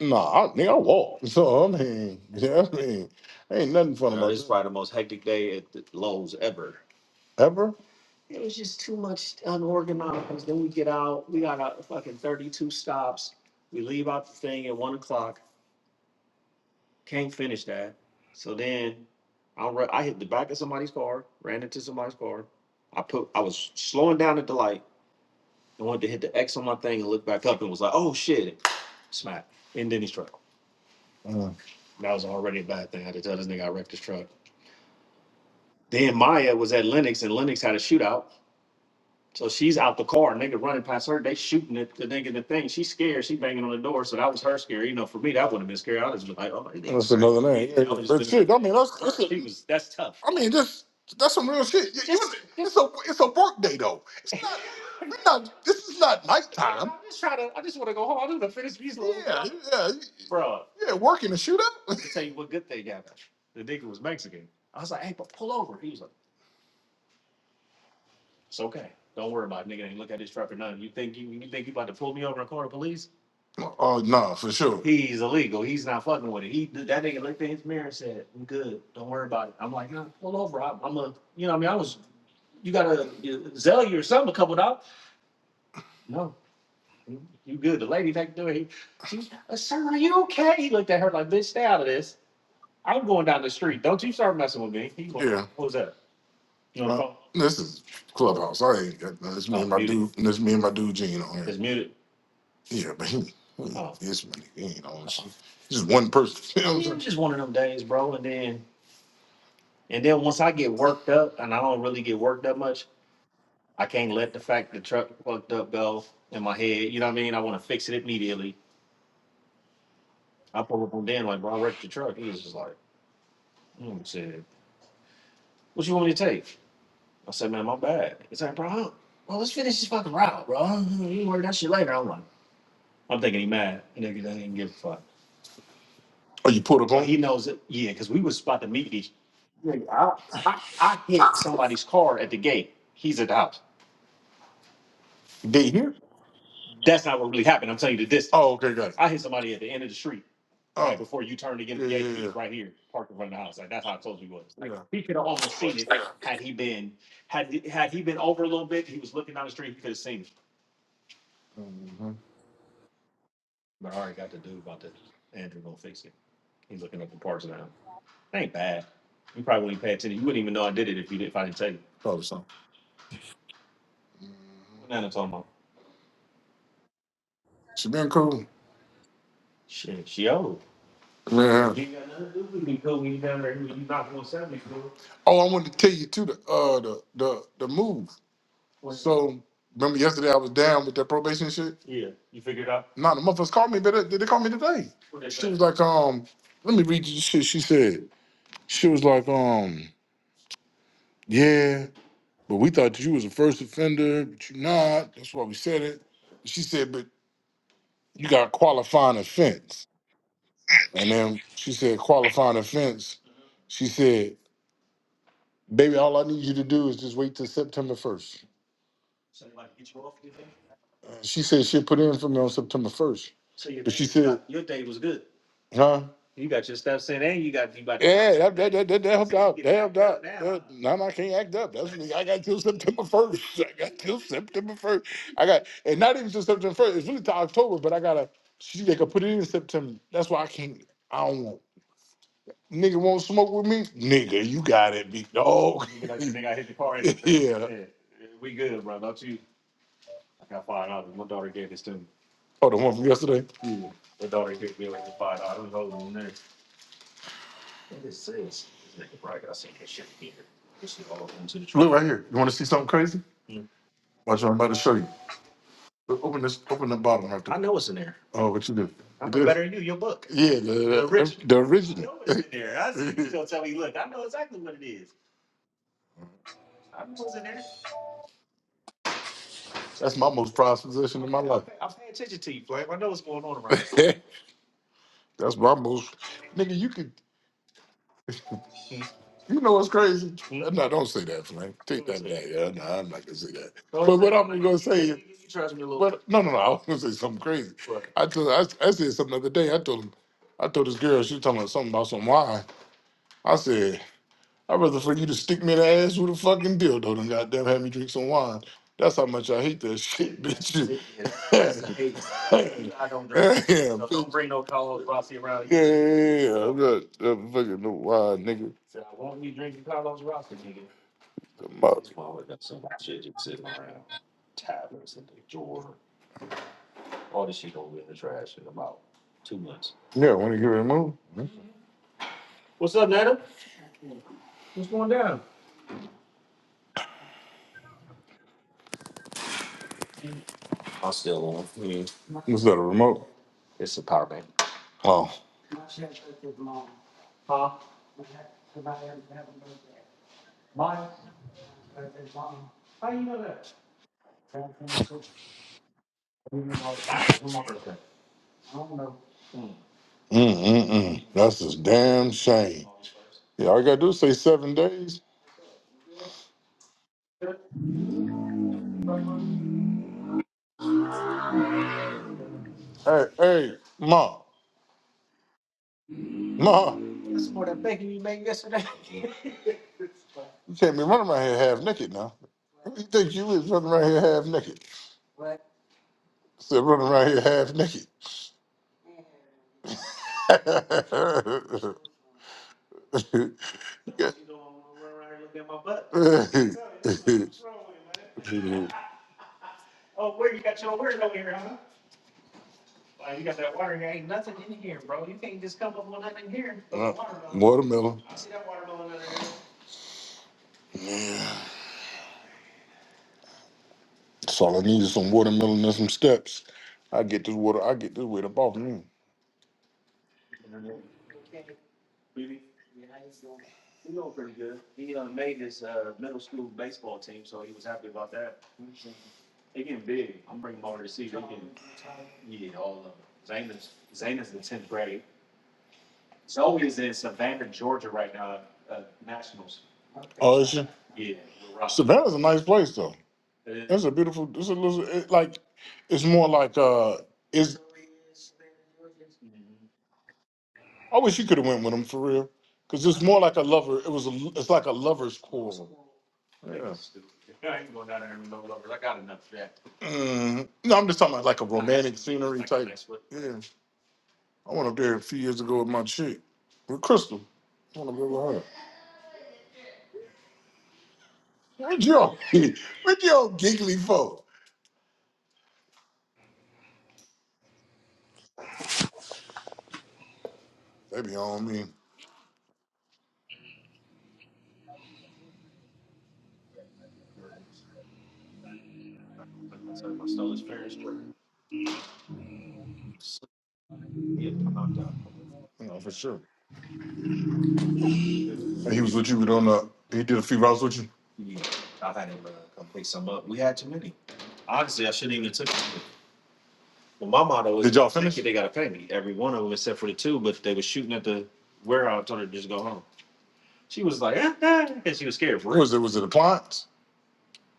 A: nah, I think I walked. So I mean, yeah, I mean, ain't nothing for ever. Uh, it's another name. Yeah, I mean, that's I mean, this that's some real shit. You- you- It's a it's a work day though. It's not, you're not this is not nice. Yeah, yeah, working a shootout. Oh nah, for sure. Yeah, this is clubhouse. I ain't got this. This me and my dude Gene on Yeah, but he. This man, you know, just one person. Or you put up on I, I, I hit somebody's car at the gate. He's at the house. they here? That's not what really happened. I'm telling you the distance. Oh, okay, got it. I hit somebody at the end of the street, right Oh, before you turned to get in yeah, the yeah, gate. yeah, He yeah. was right here, parked in front of the house. Like that's how close we was. Like Yeah. he could have almost seen it had he been had had he been over a little bit. He was looking down the street. He could have seen it. hmm But I already got the dude about this. Andrew gonna fix it. He's looking up the parts now. That ain't bad. You probably wouldn't pay attention. You wouldn't even know I did it if you didn't. If I didn't tell you. Probably so. What Nana talking about? She been cool. Shit, she old. Yeah. You ain't got nothing to do with me, cool. When you down there, you not gonna sell me, cool. Oh, I wanted to tell you too the uh the the the move. What? So remember yesterday I was down with that probation shit. Yeah, you figured it out. Nah, the motherfuckers called me. But they, they called me today. What they She say? was like, um, let me read you the shit she said. She was like, um, yeah. But we thought you was a first offender, but you're not. That's why we said it. She said, but you got qualifying offense. And then she said, qualifying offense. She said, baby, all I need you to do is just wait till September 1st. So they get you off, you think? Uh, She said she'll put in for me on September first, So your but day, she said, your day was good. huh? You got your steps in and you got you about to get Yeah, that that that, that, that helped So you out. get That getting helped knocked out out. now, That, huh? no, no, I can't act up. That's what I got till September first. I got till September first. I got, and not even till September first. It's really to October, but I gotta. She they could put it in September. That's why I can't. I don't want nigga won't smoke with me. Nigga, you got it, big dog. Nigga, like, nigga, I hit the car and everything. yeah, Yeah, we good, bro. Don't you? I got five dollars. My daughter gave this to me. Oh, the one from yesterday? Yeah. My daughter gave me like the five dollars. I was in there. What is this? Right, I said, that shit here. This is all into the Look truck. right here. You want to see something crazy? Mm. Watch what I'm about to show you. Look, Open this, open the bottom right there. I know it's in there. Oh, what you do? I You know did? better than you, your book. Yeah, the, The original. the I original. know it's in there. I see you gonna tell me, look, I know exactly what it is. I know it's in there. That's my most prized possession I'm in my paying, I'm, life. paying, I'm paying attention to you, Flame. I know what's going on around here. That's my most nigga. You could, you know what's crazy? Mm. No, don't say that, Frank. Take that back. Yeah, no, I'm not gonna say that. Don't but what I'm gonna say is, you trust me a little. but no, no, no. I was gonna say something crazy. What? I told, I, I said something the other day. I told him, I told this girl. She was talking about something about some wine. I said. I'd rather for you to stick me in the ass with a fucking dildo than goddamn have me drink some wine. That's how much I hate that shit, bitch. That's the hate. I don't drink. Damn, So don't bitch. bring no Carlos Rossi around Yeah, you. yeah, yeah. I'm not I'm fucking no wine, nigga. Said, I won't be drinking Carlos Rossi, nigga. The mouth. That's why we got so much shit just sitting around. Tablets in the drawer. All this shit gonna be in the trash in about two months. Yeah, I want to get removed. I'm still on. Mm. What's that, a remote? It's a power bank. Oh. Mm-mm-mm. That's just damn shame. Yeah, all you gotta do is say seven days. Hey, hey, Ma, Ma, you can't be running around here half naked now. Who you think you is running around here half naked? Said running around here half naked. Watermelon. Yeah. That's all I need is some watermelon and some steps. I get this water. I get this weight up off me. Oh, is she? Savannah's a nice place though. That's a beautiful. It's a little it, like. It's more like uh. Is I wish you could have went with him for real, because it's more like a lover. It was a, it's like a lover's quarrel. Yeah. Mm, no, I'm just talking about like a romantic scenery type. Yeah, I went up there a few years ago with my chick, with Crystal. I want to go with her. What y'all, what y'all giggly for? They be on me. You know, for sure. And he was with you on the. He did a few rounds with you. Yeah, I had him uh, come pick some up. We had too many. Honestly, I shouldn't even took it. But my motto is, Did y'all finish? they gotta pay me. Every one of them except for the two, but they were shooting at the warehouse. I told her to just go home. She was like, eh, eh, and she was scared for What real. was it? Was it appliance?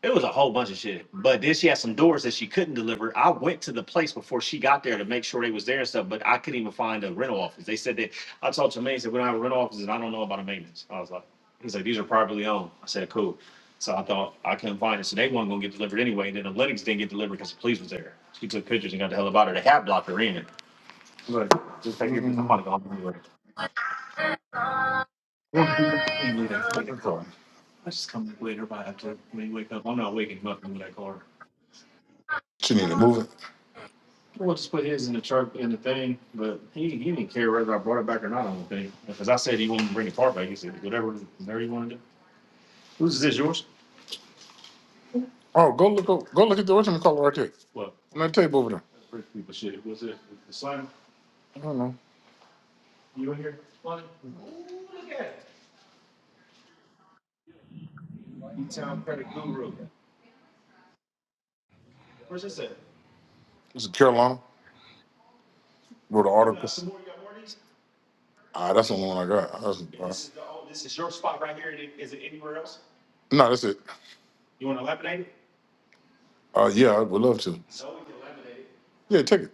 A: It was a whole bunch of shit. But then she had some doors that she couldn't deliver. I went to the place before she got there to make sure they was there and stuff, but I couldn't even find a rental office. They said that I told Jermaine, he said, we don't have a rental office and I don't know about a maintenance. I was like, he's like, these are privately owned. I said, cool. So I thought I couldn't find it. So they weren't gonna get delivered anyway. And then the Lennox didn't get delivered because the police was there. She took pictures and got the hell about her. They had blocked her in. Look, just take it because I'm about to go home anyway. He ain't leave that leave that car. I just come back later if I have to. When you wake up, I'm not waking him up in that car. She need to move it. We'll just put his in the truck in the thing, but he, he didn't care whether I brought it back or not. on the thing, because I said he wouldn't bring the car back. He said whatever, whatever you want to do. Who's this? Yours? Oh, go look o- go look at the original color right there. What On that table over there. that's rich people shit. Was it the sign? I don't know. You in here? E-town credit guru. Where's this at? It's in Carolina. Wrote an You got article. some more? You got more of these? Ah, that's the one I got. That's, uh, This is the, oh, this is your spot right here. Is it anywhere else? no, that's it. You want to lapidate it? Uh, yeah, I would love to. So we can laminate it. Yeah, take it.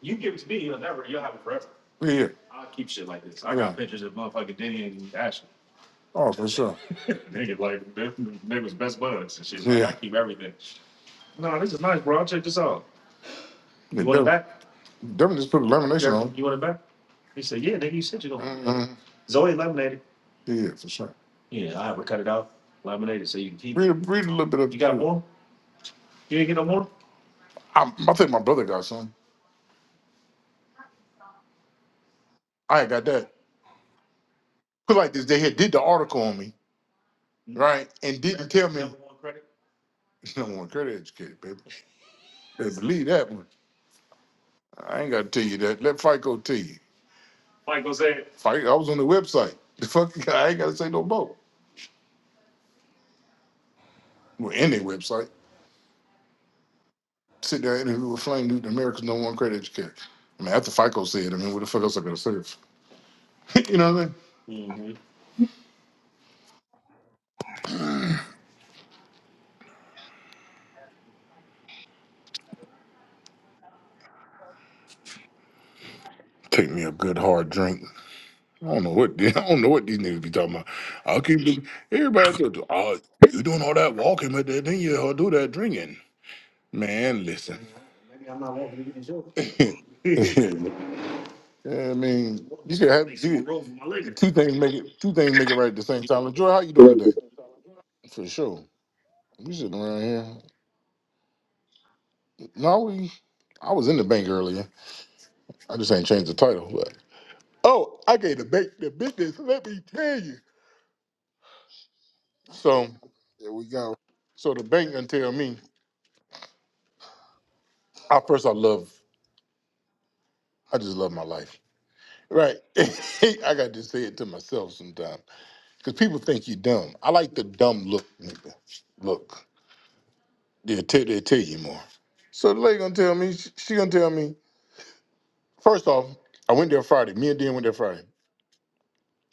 A: You give it to me, you'll never, you'll have it forever. Yeah, yeah. I keep shit like this. I Yeah. got Yeah. pictures of motherfucking Denny and Ashley. Oh, for sure. Nigga, like, they they was best buds and shit. Like, Yeah. I Yeah. keep everything. No, this is nice, bro. I'll check this out. yeah You Yeah, want it definitely, back? definitely just put lamination Jeff, on. you want it back? He said, yeah, nigga, you said you don't. Mm-hmm. Zoe laminated. Yeah, for sure. Yeah, I have her cut it out, laminated, so you can keep it. Read, read a little bit of You got more? You ain't get no more? i I think my brother got some. I ain't got that. Cause like this, they had did the article on me, right? And didn't tell me. Number one credit. Number one credit educated, baby. They believe that one. I ain't got to tell you that. Let FICO tell you. FICO said. FICO, I was on the website. The fuck, I ain't got to say no more. Well, in their website, sit there and interview with Flame Newton, America's number one credit educator. I mean, after FICO said, I mean, what the fuck else I gotta say? you know what I mean? Mm-hmm. Take me a good hard drink. I don't know what I don't know what these niggas be talking about. I'll keep the- everybody tell you, oh, you doing all that walking, but then you all do that drinking. Man, listen. Yeah, I mean, you should have you, two things make it two things make it right at the same time. Joy, how you doing today? For sure. We sitting around here. No, we I was in the bank earlier. I just ain't changed the title, but oh, I gave the bank the business. Let me tell you. So
B: There we go.
A: so the bank gonna tell me. I first I love I just love my life. Right. I got to say it to myself sometimes because people think you dumb. I like the dumb look. nigga. Look, they'll, tell they'll tell you more. So the lady gonna tell me, she, she gonna tell me, first off, I went there Friday. Me and Dan went there Friday.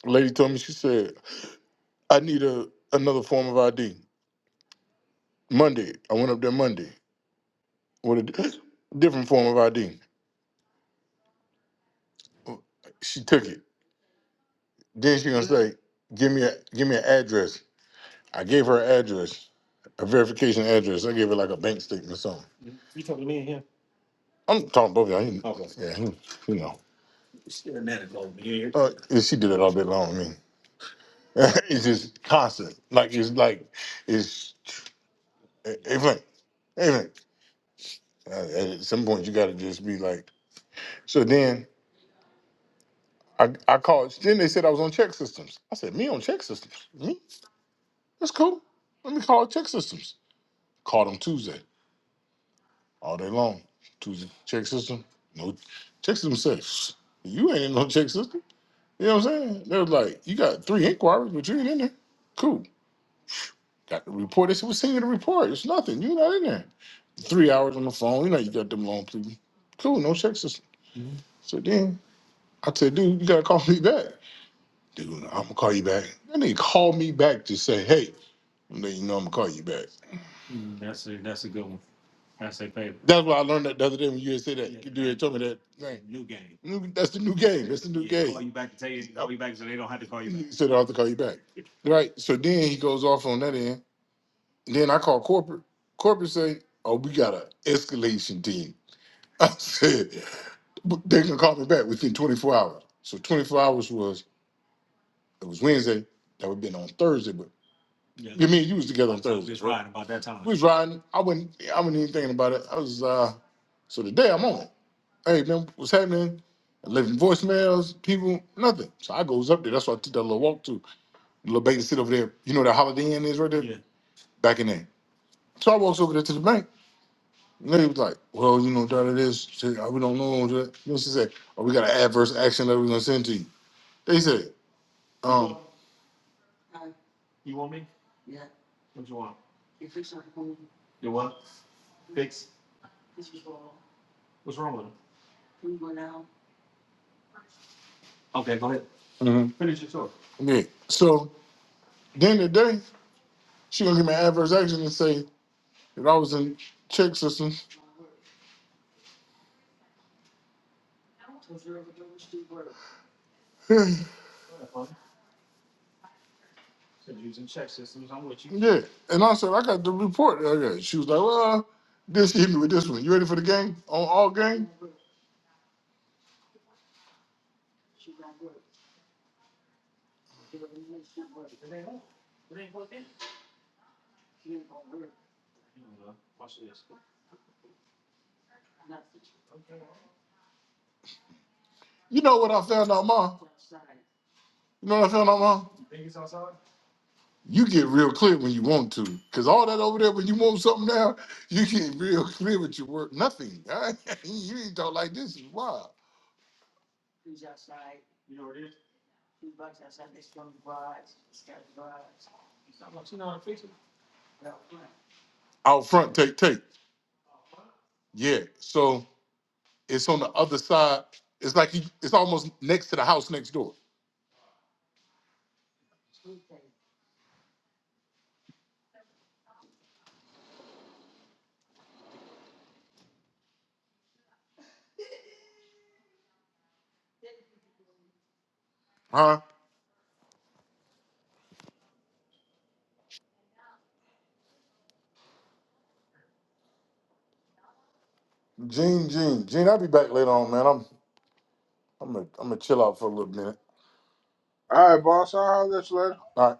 A: The lady told me, she said, I need a another form of ID. Monday, I went up there Monday with a di- different form of ID. She took it. Then she gonna say, give me a, give me an address. I gave her an address, a verification address. I gave her like a bank statement or something. You talking to me and him? I'm talking to both of y'all. You- Okay. Yeah, you you know. Still mad at both of you. Uh, yeah, she did it all day long. I mean, it's just constant. Like it's like it's everything. Everything. Uh, At some point, you got to just be like. So then I I called. Then they said I was on check systems. I said me on check systems. Me? That's cool. Let me call check systems. Called them Tuesday. all day long. Tuesday check system. No check system says you ain't in no check system. You know what I'm saying? They was like, you got three inquiries, but you ain't in there. Cool. Got the report. They said, what's in the report? It's nothing. You're not in there. Three hours on the phone. You know you got them long people. Cool. No check system. So then I said, dude, you gotta call me back. Dude, I'm gonna call you back. That nigga called me back to say, hey, and then you know I'm gonna call you back. I say favorite. That's why I learned that the other day when you had said Yeah, that. Yeah, You had told me that thing. New game. New- That's the new game. That's the new Yeah, game. call you back to tell you call Yep. you back so they don't have to call you back. So they don't have to call you back. Yeah. Right. So then he goes off on that end. Then I call corporate. Corporate say, "Oh, we got an escalation team." I said, "But "They can call me back within 24 hours." So 24 hours was it was Wednesday. That would have been on Thursday. but. Yeah, You mean you was together on we Thursdays, was right? riding about that time. We was riding. I wasn't. I wasn't even thinking about it. I was. uh So today I'm on it. Hey man, what's happening? I'm Leaving voicemails, people, nothing. So I goes up there. That's why I took that little walk to the little Baker sit over there. You know that Holiday Inn is right there, Yeah, back in there. So I walks over there to the bank. And they was like, "Well, you know, that it is. She- uh, We don't know." uh," You know, she said, "Oh, we got an adverse action that we're gonna send to you." They said, you um, want you want me? What you want? You what? Fix? What's wrong with him? Okay, go ahead. hmm Finish your story. Yeah. So then the day, she gonna give me an adverse action and say that I was in check systems. yeah. Go ahead, partner. Said using check systems. I'm with you. Yeah. And I said, I got the report that I got. She was like, Well, this hit me with this one. You ready for the game? On all game? It ain't on. It ain't plugged in. You know, Watch this. You know what I found out, Ma? You know what I found out, Ma? You think it's outside? You get real clear when you want to, cause all that over there when you want something now, you get real clear with your work. Nothing. you ain't talk like this is wild. Out front, take take. Yeah. So it's on the other side. It's like you, it's almost next to the house next door. Huh? Gene, Gene, Gene. I'll be back later on, man. I'm I'm gonna I'm gonna chill out for a little minute.
B: All right, boss. I'll holler at you later.
A: All right.